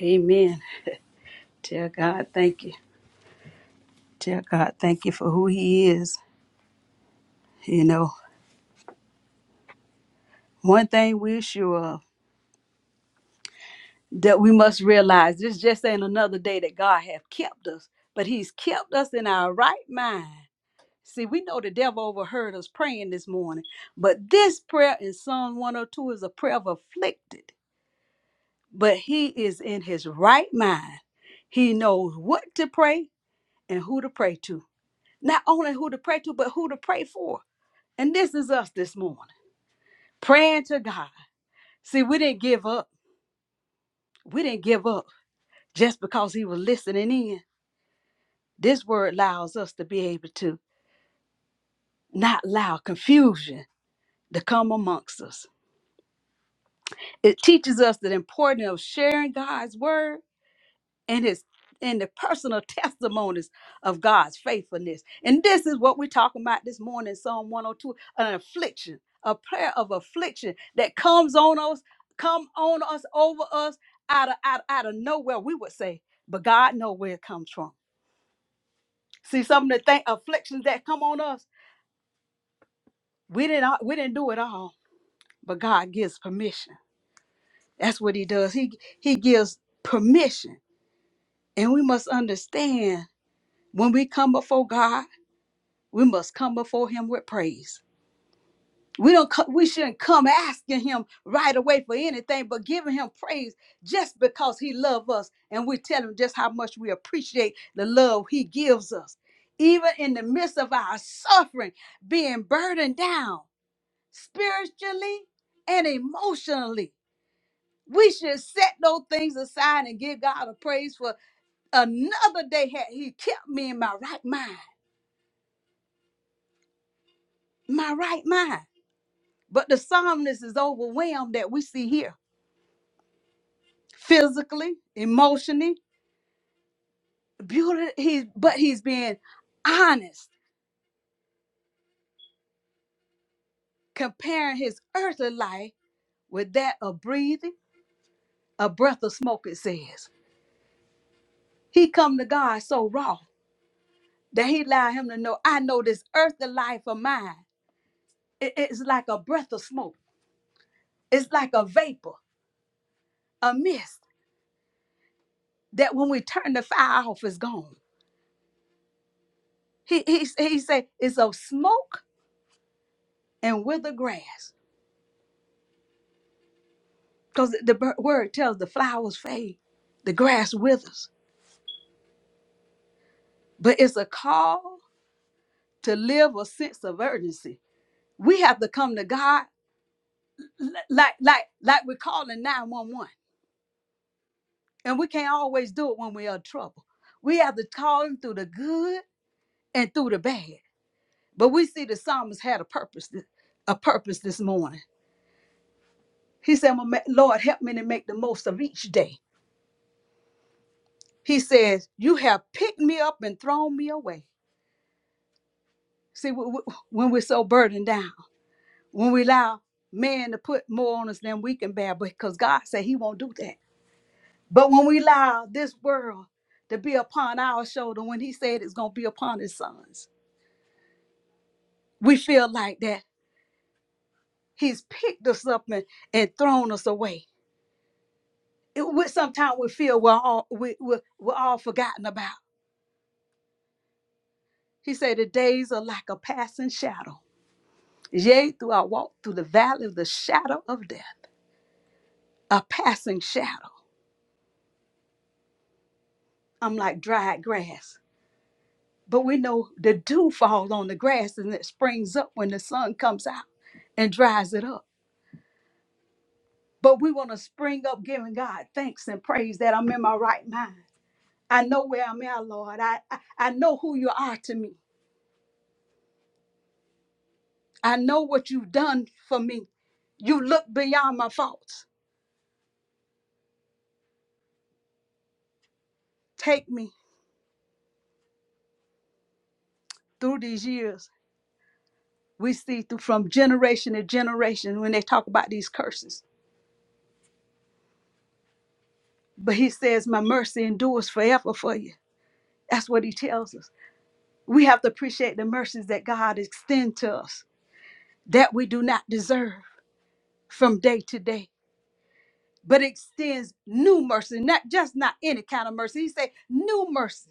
Speaker 2: Amen. Tell God thank you. Tell God thank you for who He is. You know, one thing we're sure of. that we must realize this just ain't another day that God have kept us, but He's kept us in our right mind. See, we know the devil overheard us praying this morning, but this prayer in Psalm 102 is a prayer of afflicted. But he is in his right mind. He knows what to pray and who to pray to. Not only who to pray to, but who to pray for. And this is us this morning, praying to God. See, we didn't give up. We didn't give up just because he was listening in. This word allows us to be able to not allow confusion to come amongst us. It teaches us the importance of sharing God's word and his and the personal testimonies of God's faithfulness. And this is what we're talking about this morning, Psalm 102, an affliction, a prayer of affliction that comes on us, come on us, over us, out of out, out of nowhere, we would say, but God know where it comes from. See some of the thing afflictions that come on us, we didn't we didn't do it all but God gives permission. That's what he does. He he gives permission. And we must understand when we come before God, we must come before him with praise. We don't co- we shouldn't come asking him right away for anything, but giving him praise just because he loves us and we tell him just how much we appreciate the love he gives us. Even in the midst of our suffering, being burdened down spiritually and emotionally We should set those things aside and give God a praise for another day had He kept me in my right mind, my right mind. But the psalmist is overwhelmed that we see here, physically, emotionally, beauty. He's but he's being honest, comparing his earthly life with that of breathing, a breath of smoke. It says he come to God so raw that he allowed him to know. I know this earthly life of mine. it- It's like a breath of smoke. It's like a vapor, a mist that when we turn the fire off, is gone. He he he said it's of smoke and wither grass, because the bir- word tells the flowers fade, the grass withers. But it's a call to live a sense of urgency. We have to come to God li- like like like we're calling nine one one, and we can't always do it when we are in trouble. We have to call Him through the good and through the bad. But we see the psalmist had a purpose, th- a purpose this morning He said, "Well, ma- Lord, help me to make the most of each day. He says, You have picked me up and thrown me away. See, w- w- when we're so burdened down, when we allow man to put more on us than we can bear, because God said He won't do that. But when we allow this world to be upon our shoulder, when He said it's going to be upon His sons, we feel like that He's picked us up and, and thrown us away. It, we, sometimes we feel we're all, we, we're, we're all forgotten about He said, The days are like a passing shadow. Yea, through I walk through the valley of the shadow of death, a passing shadow. I'm like dried grass. But we know the dew falls on the grass and it springs up when the sun comes out and dries it up. But we want to spring up giving God thanks and praise that I'm in my right mind. I know where I'm at, Lord. I, I, I know who you are to me. I know what you've done for me. You look beyond my faults. Take me through these years We see through from generation to generation when they talk about these curses. But he says, My mercy endures forever for you. That's what he tells us. We have to appreciate the mercies that God extends to us that we do not deserve from day to day. But extends new mercy, not just not any kind of mercy. He said, new mercy.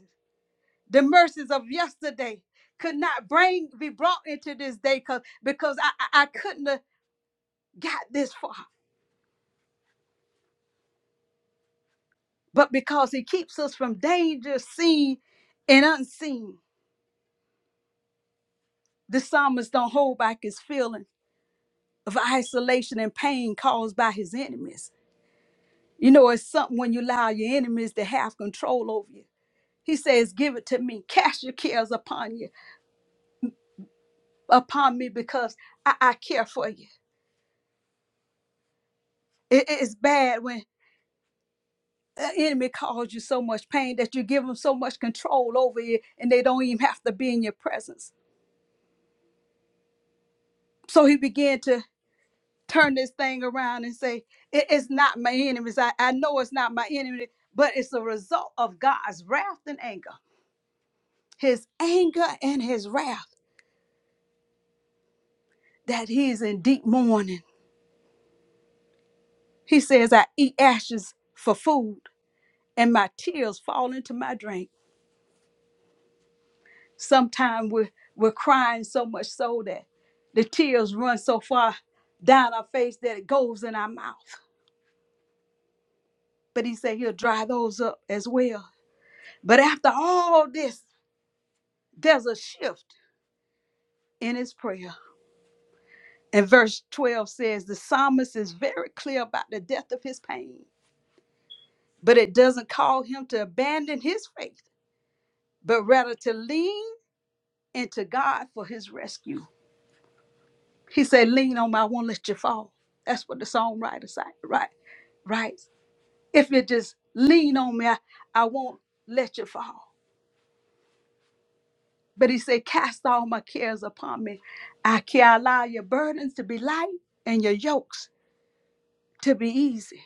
Speaker 2: The mercies of yesterday could not bring be brought into this day because because I, I I couldn't have got this far. but because he keeps us from danger seen and unseen. The psalmist don't hold back his feeling of isolation and pain caused by his enemies. You know, it's something when you allow your enemies to have control over you. He says, Give it to me, cast your cares upon you, upon me, because I, I care for you. It- it- it's bad when an enemy causes you so much pain that you give them so much control over you and they don't even have to be in your presence. So he began to turn this thing around and say, "It- It's not my enemies. I, I know it's not my enemy, but it's a result of God's wrath and anger, his anger and his wrath that he's in deep mourning. He says, I eat ashes for food, and my tears fall into my drink. Sometimes we're, we're crying so much so that the tears run so far down our face that it goes in our mouth. But he said he'll dry those up as well. But after all this, there's a shift in his prayer. And verse 12 says the psalmist is very clear about the depth of his pain, but it doesn't call him to abandon his faith, but rather to lean into God for his rescue. He said, Lean on me, I won't let you fall. That's what the songwriter said, right? Right. If you just lean on me, I, I won't let you fall. But he said, Cast all my cares upon me. I can allow your burdens to be light and your yokes to be easy.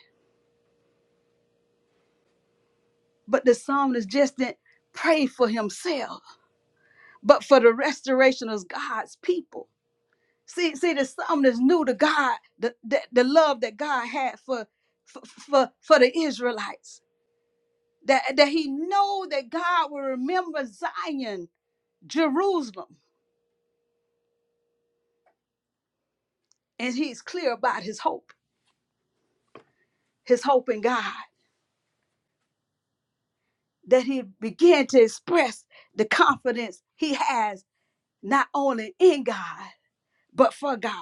Speaker 2: But the psalmist just didn't pray for himself, but for the restoration of God's people. See, see, the psalmist knew the God, the, the, the love that God had for, for, for, for the Israelites. That, that he know that God will remember Zion, Jerusalem, and he's clear about his hope, his hope in God. That he began to express the confidence he has not only in God, but for God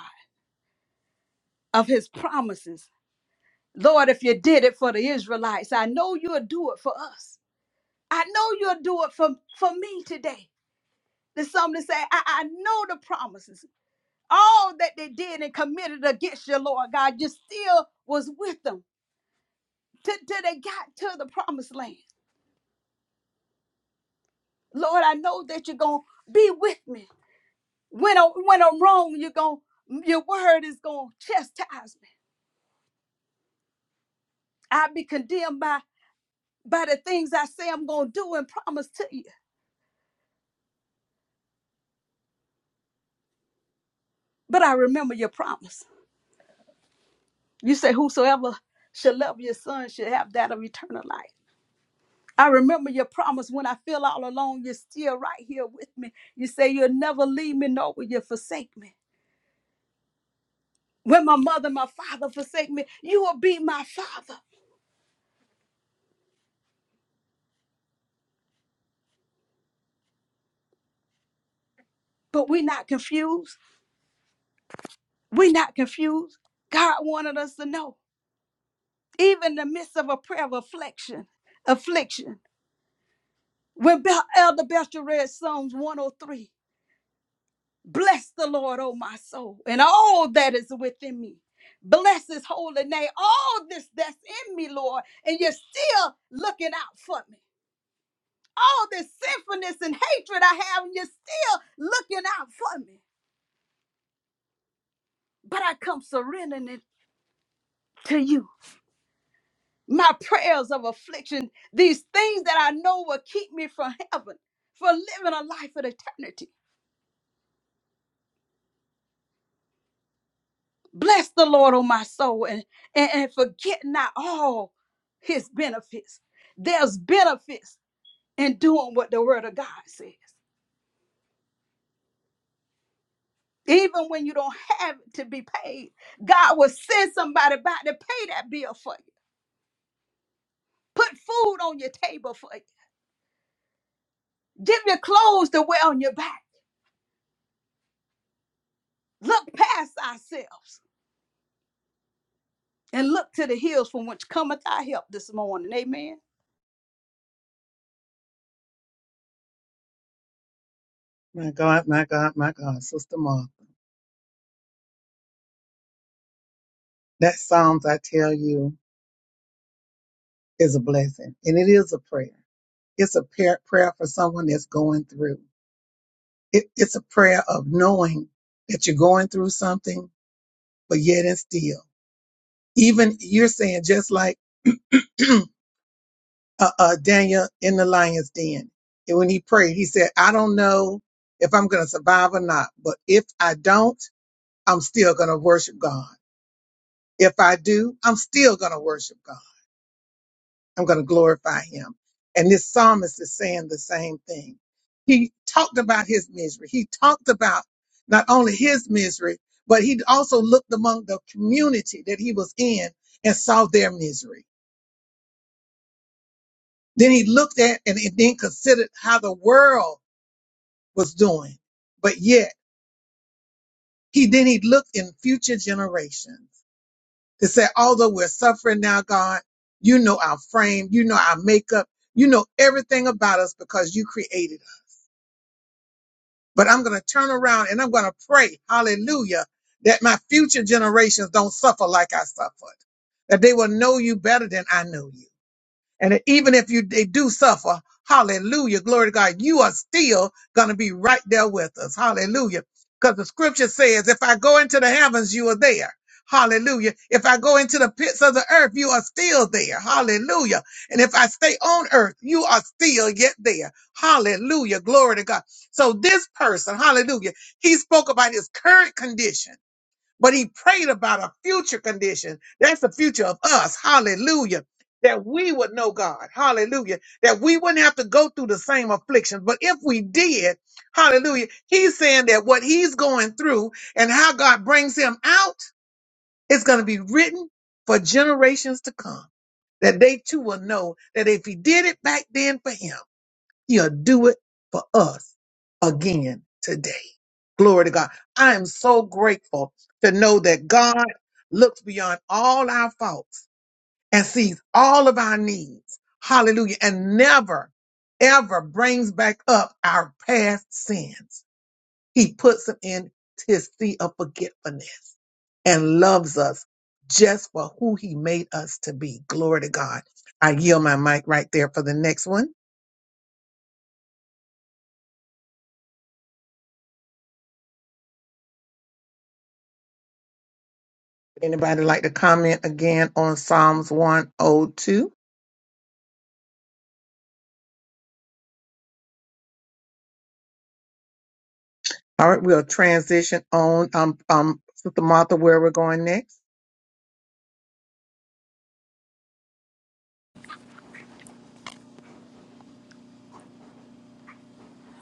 Speaker 2: of his promises Lord, if you did it for the Israelites, I know you'll do it for us. I know you'll do it for, for me today. The psalmist said, I, I know the promises. All that they did and committed against your Lord God, you still was with them till, till they got to the promised land. Lord, I know that you're going to be with me. When i when I'm wrong, you're going your word is going to chastise me. I'll be condemned by, by the things I say I'm going to do and promise to you. But I remember your promise. You say, Whosoever should love your son should have that of eternal life. I remember your promise when I feel all alone, you're still right here with me. You say, You'll never leave me, nor will you forsake me. When my mother and my father forsake me, you will be my father. But we're not confused. We're not confused. God wanted us to know, even in the midst of a prayer of affliction, affliction. When Bel- Elder Bester read Psalms 103, Bless the Lord, O my soul, and all that is within me. Bless his holy name. All this that's in me, Lord, and you're still looking out for me. All this sinfulness and hatred I have, and you're still looking out for me. But I come surrendering it to you. My prayers of affliction, these things that I know will keep me from heaven, for living a life of eternity. Bless the Lord, O my soul, and, and, and forget not all his benefits. There's benefits in doing what the word of God says. Even when you don't have it to be paid, God will send somebody by to pay that bill for you. Put food on your table for you. Give your clothes to wear on your back. Look past ourselves and look to the hills from which cometh our help this morning. Amen.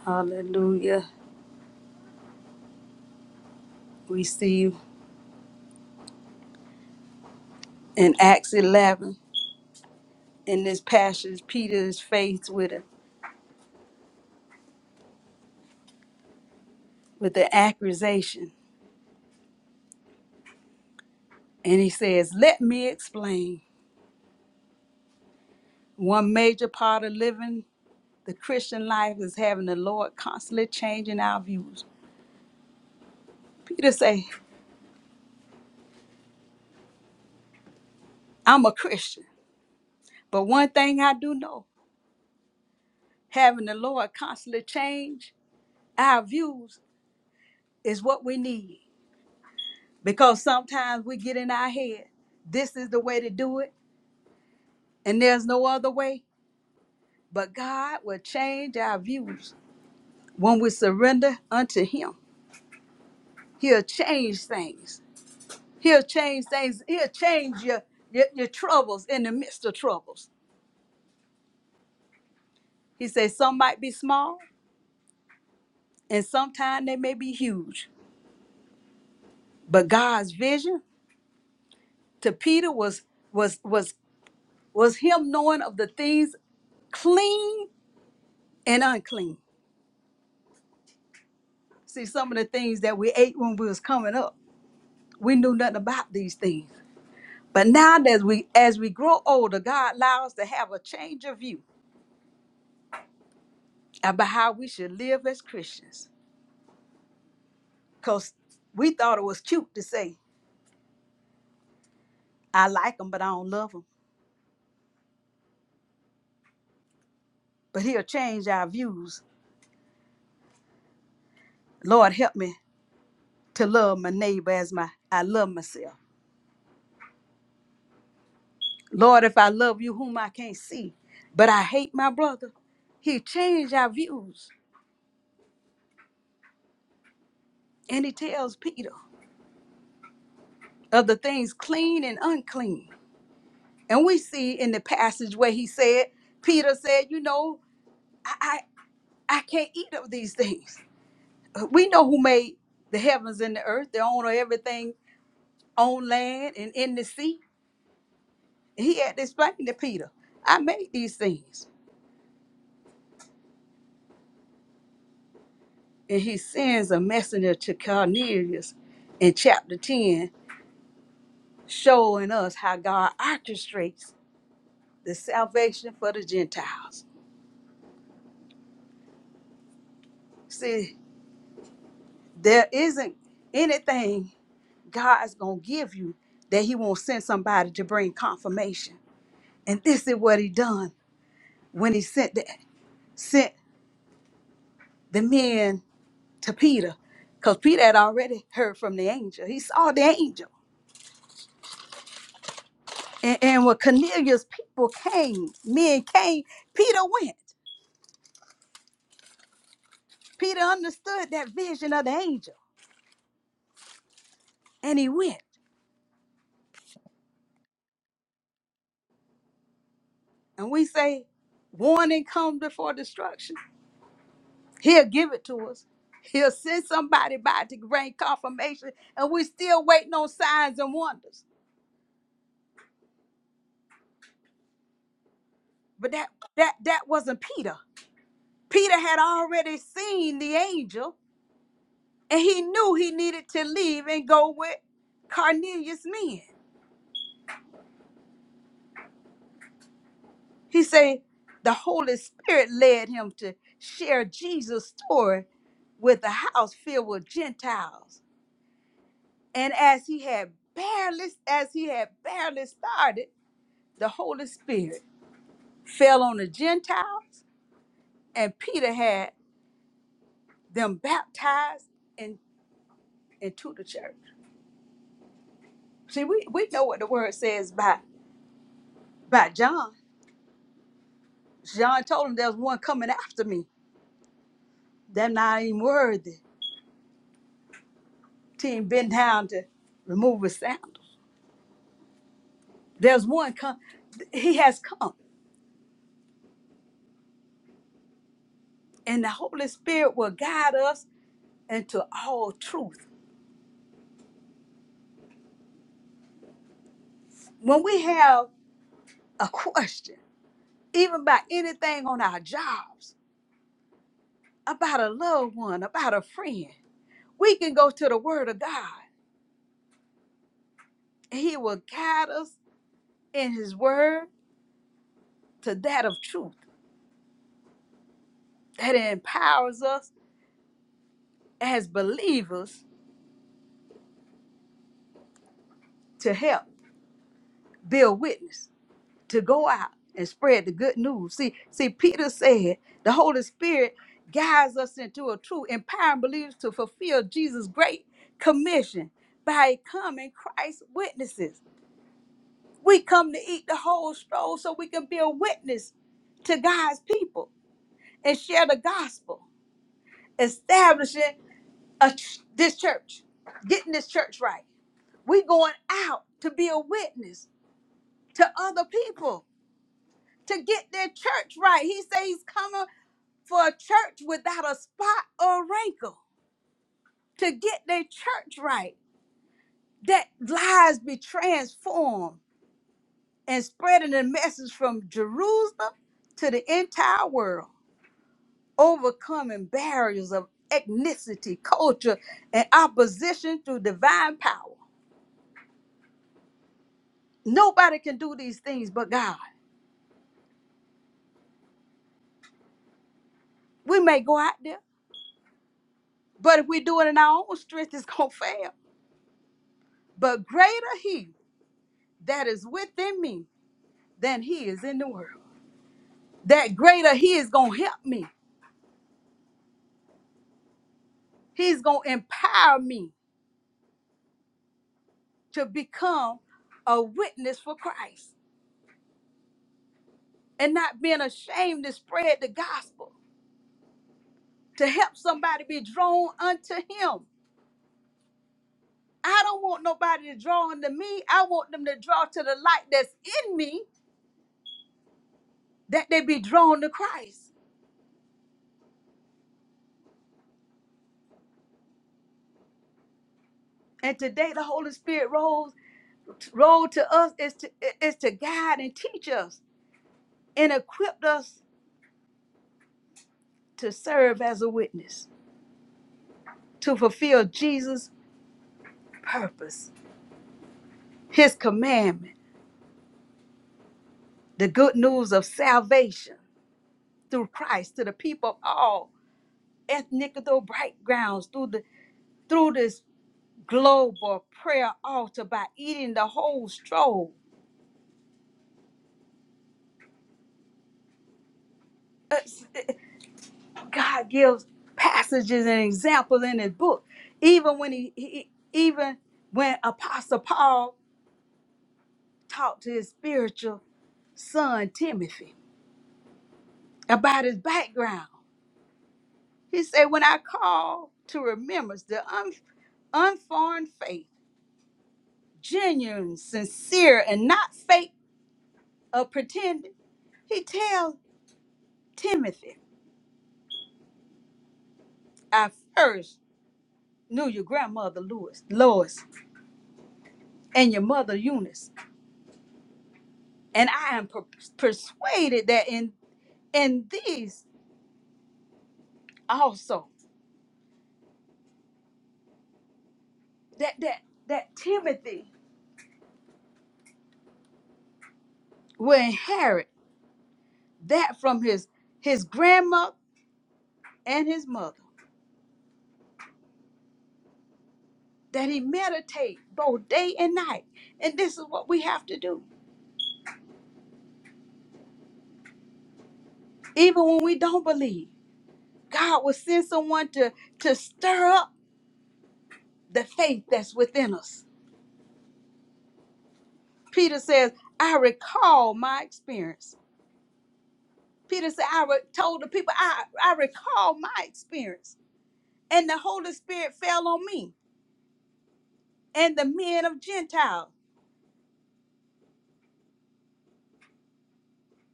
Speaker 2: Hallelujah. We see in Acts 11. In this passage, Peter is faced with a with an accusation, and he says, "Let me explain." One major part of living the Christian life is having the Lord constantly changing our views. Peter say, "I'm a Christian, but one thing I do know: having the Lord constantly change our views is what we need, because sometimes we get in our head, this is the way to do it, and there's no other way." But God will change our views When we surrender unto Him, He'll change things. He'll change things. He'll change your, your, your troubles in the midst of troubles. He says some might be small and sometimes they may be huge. But God's vision to Peter was was was was him knowing of the things clean and unclean. See, some of the things that we ate when we was coming up, we knew nothing about these things. But now that we as we grow older, God allows us to have a change of view about how we should live as Christians. Because we thought it was cute to say, I like them, but I don't love them. But he'll change our views. Lord, help me to love my neighbor as my I love myself. Lord, if I love you whom I can't see, but I hate my brother, he changed our views. And he tells Peter of the things clean and unclean. And we see in the passage where he said, Peter said, you know, I, I, I can't eat of these things. we know who made the heavens and the earth, the owner of everything on land and in the sea. He had to explain to Peter, I made these things. And he sends a messenger to Cornelius in chapter 10, showing us how God orchestrates the salvation for the Gentiles. See, there isn't anything God's going to give you that he won't send somebody to bring confirmation. And this is what he done when he sent the, sent the men to Peter because Peter had already heard from the angel. He saw the angel. And, and when Cornelius' people came, men came, Peter went. Peter understood that vision of the angel and he went. And we say, warning come before destruction. He'll give it to us. He'll send somebody by to bring confirmation, and we're still waiting on signs and wonders. But that that that wasn't Peter. Peter had already seen the angel and he knew he needed to leave and go with Cornelius' men. He said the Holy Spirit led him to share Jesus' story with a house filled with Gentiles. And as he had barely as he had barely started, the Holy Spirit fell on the Gentiles, and Peter had them baptized in, into the church. See, we, we know what the word says by by John. John told him there's one coming after me They're not even worthy to even bend down to remove his sandals. There's one come, he has come, and the Holy Spirit will guide us into all truth. When we have a question, even about anything on our jobs, about a loved one, about a friend, we can go to the Word of God, and He will guide us in His Word to that of truth that empowers us as believers to help be a witness. to go out and spread the good news. See, see, Peter said the Holy Spirit guides us into a true, empowering believers to fulfill Jesus' great commission by becoming Christ's witnesses. We come to eat the whole stroll so we can be a witness to God's people and share the gospel, establishing a ch- this church, getting this church right. We going out to be a witness to other people to get their church right. He says he's coming. for a church without a spot or wrinkle to get their church right, that lives be transformed and spreading the message from Jerusalem to the entire world, overcoming barriers of ethnicity, culture, and opposition through divine power. Nobody can do these things but God. We may go out there, but if we do it in our own strength, it's going to fail. But greater He that is within me than He is in the world. that greater he is going to help me. He's going to empower me to become a witness for Christ and not being ashamed to spread the gospel, to help somebody be drawn unto him. I don't want nobody to draw unto me. I want them to draw to the light that's in me, that they be drawn to Christ. And today the Holy Spirit rose role to us is to is to guide and teach us and equip us to serve as a witness, to fulfill Jesus' purpose, his commandment, the good news of salvation through Christ to the people of all ethnic backgrounds through the through this global prayer altar by eating the whole stroll. It's- it- God gives passages and examples in his book. Even when he, he even when Apostle Paul talked to his spiritual son Timothy about his background. He said, When I call to remembrance the unforeign faith, genuine, sincere, and not fake or pretending. He tells Timothy, I first knew your grandmother Lewis, Lois and your mother Eunice, and I am per- persuaded that in in these also that that that Timothy will inherit that from his his grandmother and his mother that he meditate both day and night. And this is what we have to do, even when we don't believe God will send someone to, to stir up the faith that's within us. Peter says, I recall my experience. Peter said, I re- told the people, I, I recall my experience. And the Holy Spirit fell on me and the men of Gentiles,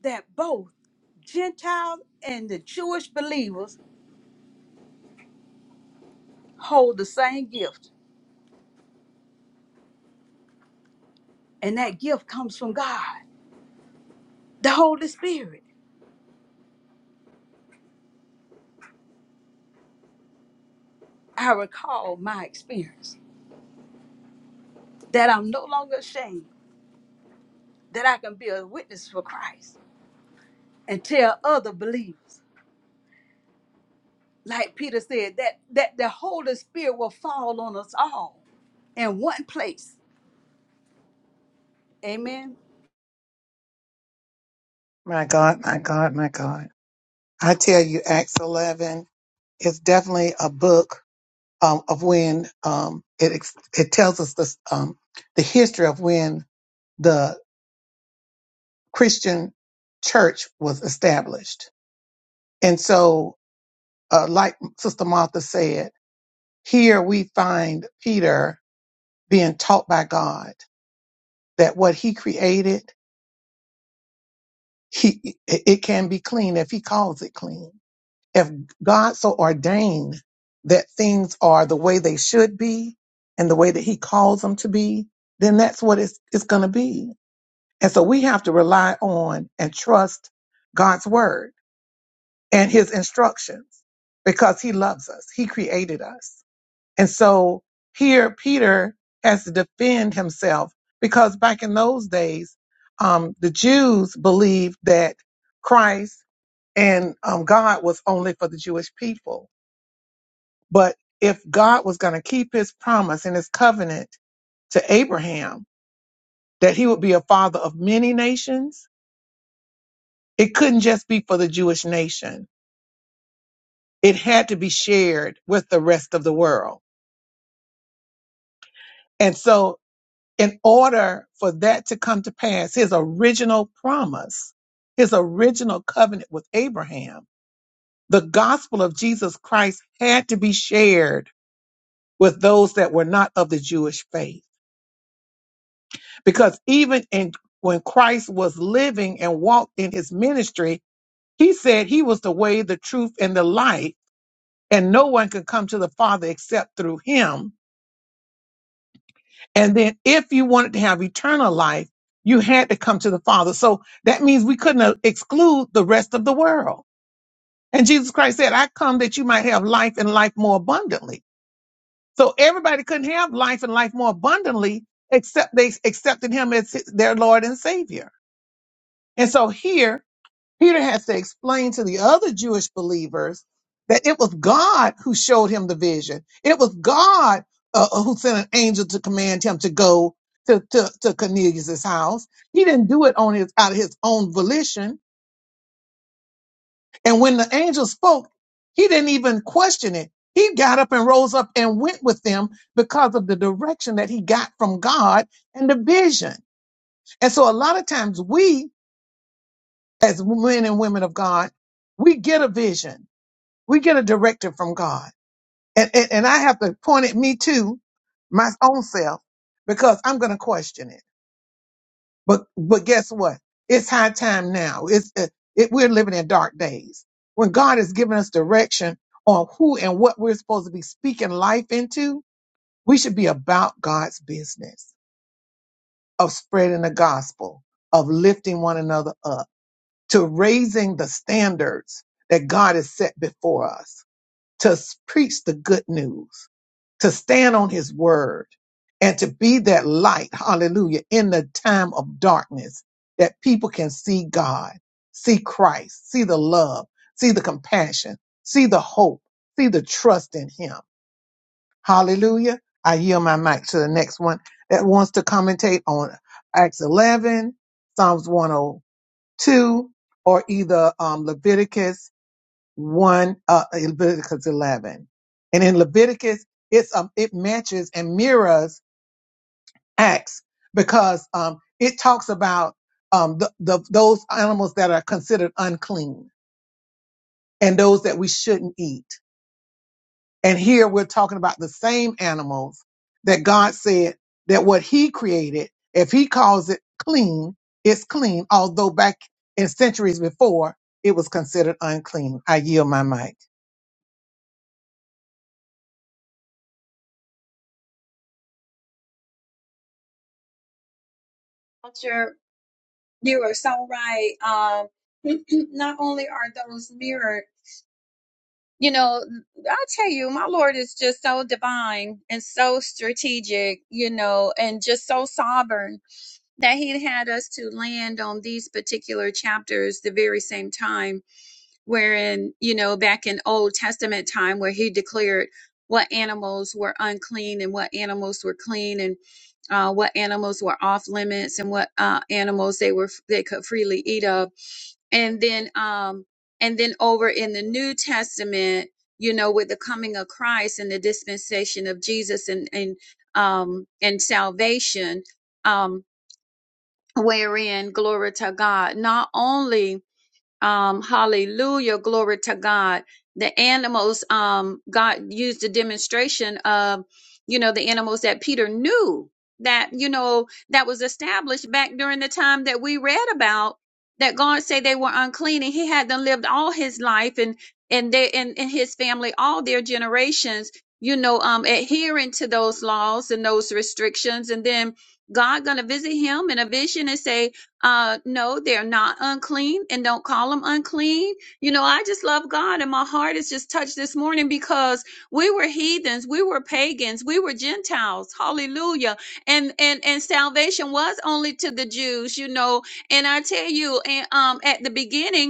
Speaker 2: that both Gentiles and the Jewish believers hold the same gift. And that gift comes from God, the Holy Spirit. I recall my experience that I'm no longer ashamed that I can be a witness for Christ and tell other believers. Like Peter said, that, that the Holy Spirit will fall on us all in one place. Amen.
Speaker 4: culture. You are so right. Um, not only are those mirrored, you know, I tell you, my Lord is just so divine and so strategic, you know, and just so sovereign that He had us to land on these particular chapters the very same time wherein you know back in old testament time where he declared what animals were unclean and what animals were clean and uh, what animals were off limits and what uh, animals they were they could freely eat of and then um and then over in the new testament you know with the coming of christ and the dispensation of jesus and and um and salvation um wherein glory to god not only um, hallelujah. Glory to God. The animals, um, God used the demonstration of, you know, the animals that Peter knew that, you know, that was established back during the time that we read about that God said they were unclean and he had them lived all his life and, and they, and, and his family, all their generations, you know, um, adhering to those laws and those restrictions. And then God gonna visit him in a vision and say, uh, no, they're not unclean and don't call them unclean. You know, I just love God and my heart is just touched this morning because we were heathens, we were pagans, we were Gentiles. Hallelujah. And, and, and salvation was only to the Jews, you know. And I tell you, and, um, at the beginning,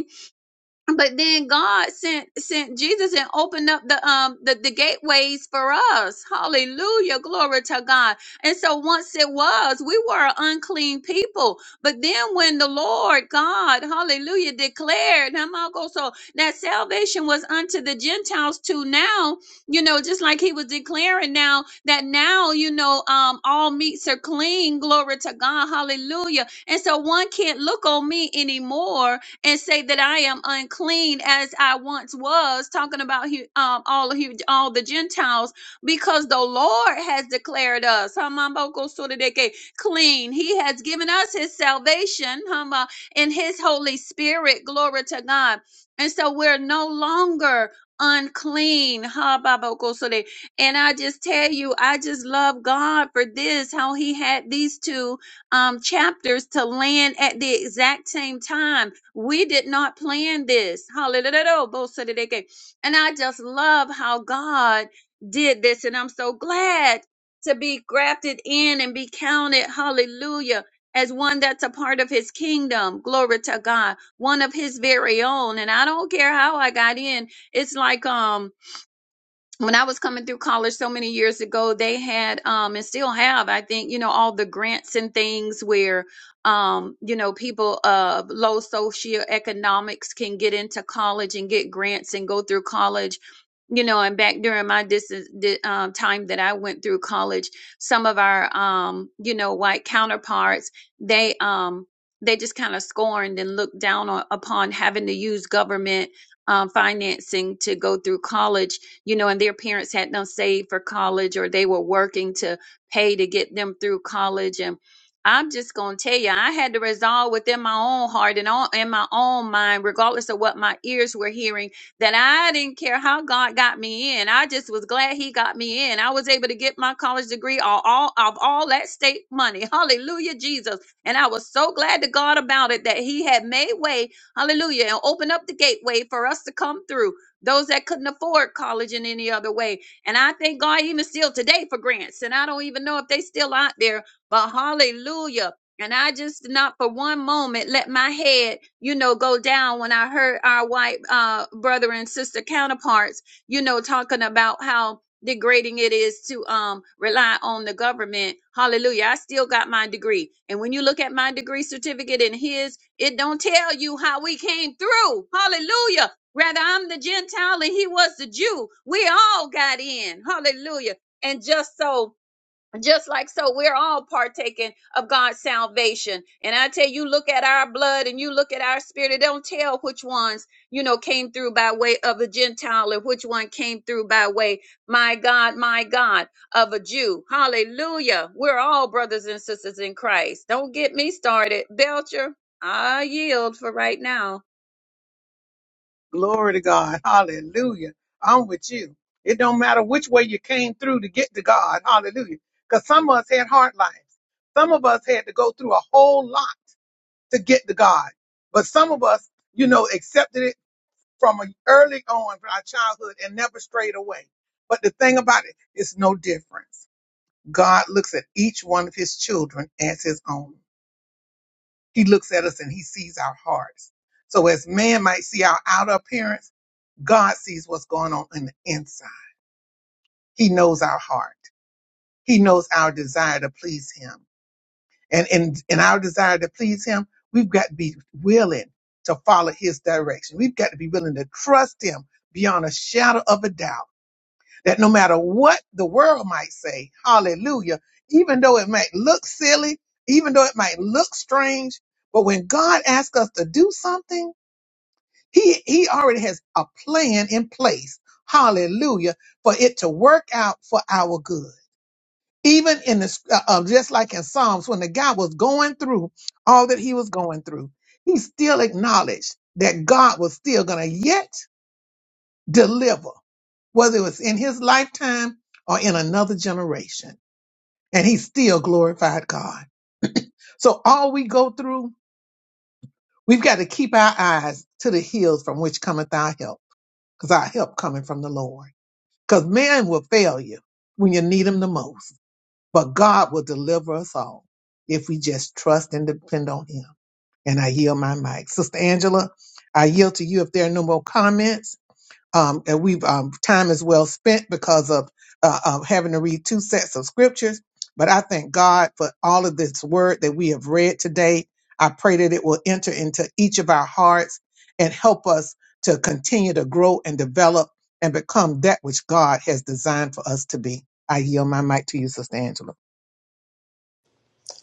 Speaker 4: but then God sent sent Jesus and opened up the um the, the gateways for us. Hallelujah. Glory to God. And so once it was, we were an unclean people. But then when the Lord God, hallelujah, declared, now I'll so that salvation was unto the Gentiles too now, you know, just like he was declaring now that now, you know, um all meats are clean, glory to God, hallelujah. And so one can't look on me anymore and say that I am unclean as I once was, talking about um, all of hu- all the Gentiles, because the Lord has declared us clean. He has given us His salvation in His Holy Spirit. Glory to God. And so we're no longer unclean. And I just tell you, I just love God for this, how He had these two um, chapters to land at the exact same time. We did not plan this. Hallelujah. Both said it again. And I just love how God did this. And I'm so glad to be grafted in and be counted. Hallelujah. As one that's a part of his kingdom. Glory to God. One of his very own. And I don't care how I got in. It's like, um when I was coming through college so many years ago, they had um and still have, I think, you know, all the grants and things where um, you know, people of low socioeconomics can get into college and get grants and go through college. You know, and back during my distance di- um, time that I went through college, some of our um, you know, white counterparts, they um they just kind of scorned and looked down on, upon having to use government um, financing to go through college you know, and their parents had them saved for college or they were working to pay to get them through college. And I'm just going to tell you, I had to resolve within my own heart and all in my own mind, regardless of what my ears were hearing, that I didn't care how God got me in. I just was glad He got me in. I was able to get my college degree all, all of all that state money. Hallelujah, Jesus. And I was so glad to God about it that He had made way, hallelujah, and opened up the gateway for us to come through those that couldn't afford college in any other way. And I thank God even still today for grants. And I don't even know if they still out there, but hallelujah. And I just did not for one moment let my head, you know, go down when I heard our white uh, brother and sister counterparts, you know, talking about how degrading it is to um rely on the government. Hallelujah. I still got my degree. And when you look at my degree certificate and his, it don't tell you how we came through. Hallelujah. Rather, I'm the Gentile and he was the Jew. We all got in. Hallelujah. And just so, just like so, we're all partaking of God's salvation. And I tell you, look at our blood and you look at our spirit. It don't tell which ones, you know, came through by way of a Gentile and which one came through by way, my God, my God, of a Jew. Hallelujah. We're all brothers and sisters in Christ. Don't get me started. Belcher, I yield for right now.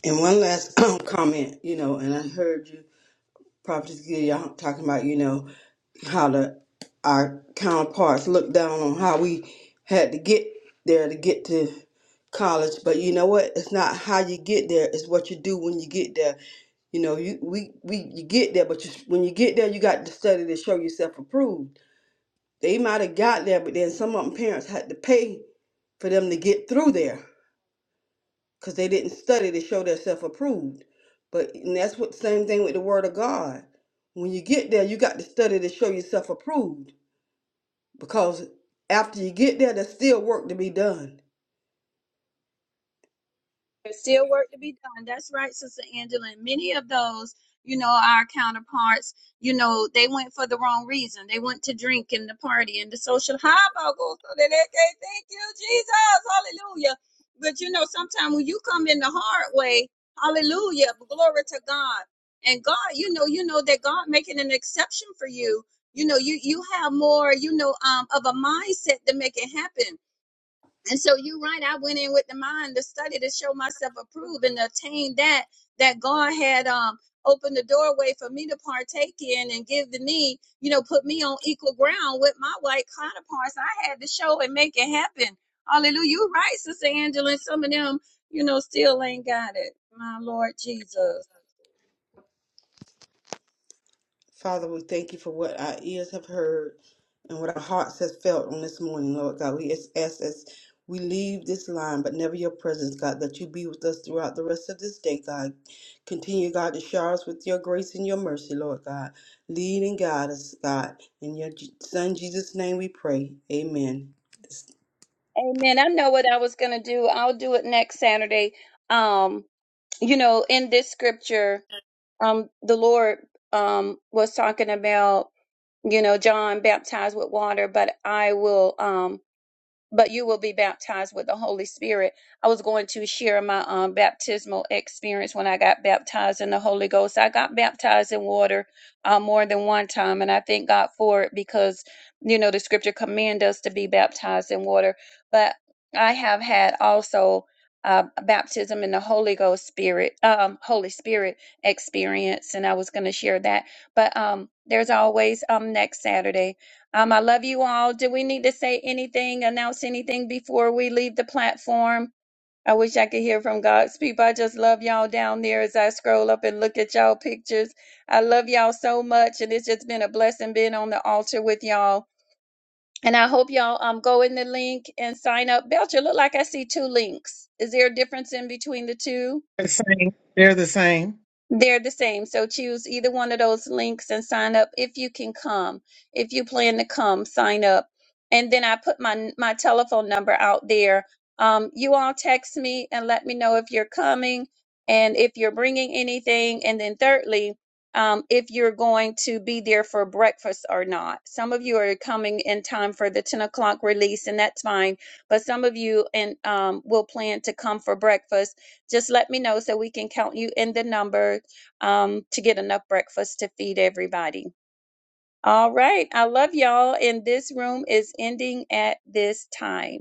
Speaker 5: And one last comment, you know, and I heard you, Prophet Gideon, y'all talking about, you know, how the our counterparts look down on how we had to get there to get to college. But you know what? It's not how you get there; it's what you do when you get there. You know, you we we you get there, but you, when you get there, you got to study to show yourself approved. They might have got there, but then some of them parents had to pay for them to get through there because they didn't study to show themselves approved. But and that's what same thing with the Word of God. When you get there, you got to study to show yourself approved because after you get there, there's still work to be done.
Speaker 4: There's still work to be done. That's right, Sister Angela. And many of those, you know, our counterparts, you know, they went for the wrong reason. They went to drink and the party and the social humbug so that they can thank you, Jesus. Hallelujah. But you know, sometimes when you come in the hard way, hallelujah, glory to God. And God, you know, you know that God making an exception for you. You know, you you have more, you know, um, of a mindset to make it happen and so you're right. I went in with the mind to study to show myself approved and to attain that that God had um opened the doorway for me to partake in and give to me, you know, put me on equal ground with my white counterparts. I had to show and make it happen. Hallelujah. You're right, Sister Angela, and some of them, you know, still ain't got it. My Lord Jesus.
Speaker 5: Father, we thank you for what our ears have heard and what our hearts have felt on this morning, Lord God. We ask ask as we leave this line, but never your presence, God, that you be with us throughout the rest of this day, God. Continue, God, to shower us with your grace and your mercy, Lord God. Lead and guide us, God. In your Je- Son Jesus' name we pray. Amen.
Speaker 4: Amen. I know what I was gonna do. I'll do it next Saturday. Um, you know, in this scripture um, the Lord um, was talking about, you know, John baptized with water, but I will um, but you will be baptized with the Holy Spirit. I was going to share my um, baptismal experience when I got baptized in the Holy Ghost. I got baptized in water uh, more than one time, and I thank God for it because, you know, the scripture command us to be baptized in water. But I have had also. Uh, baptism in the Holy Ghost Spirit, um, Holy Spirit experience, and I was going to share that. But um, there's always um next Saturday um, I love you all. Do we need to say anything, announce anything before we leave the platform? I wish I could hear from God's people. I just love y'all down there as I scroll up and look at y'all pictures. I love y'all so much, and it's just been a blessing being on the altar with y'all. And I hope y'all um go in the link and sign up. Belcher, look like I see two links. Is there a difference in between the two? They're the same. So choose either one of those links and sign up if you can come. If you plan to come, sign up. And then I put my my telephone number out there. Um, you all text me and let me know if you're coming and if you're bringing anything. And then thirdly, um, if you're going to be there for breakfast or not. Some of you are coming in time for the 10 o'clock release, and that's fine. But some of you and um, will plan to come for breakfast. Just let me know so we can count you in the number um, to get enough breakfast to feed everybody. All right. I love y'all. And this room is ending at this time.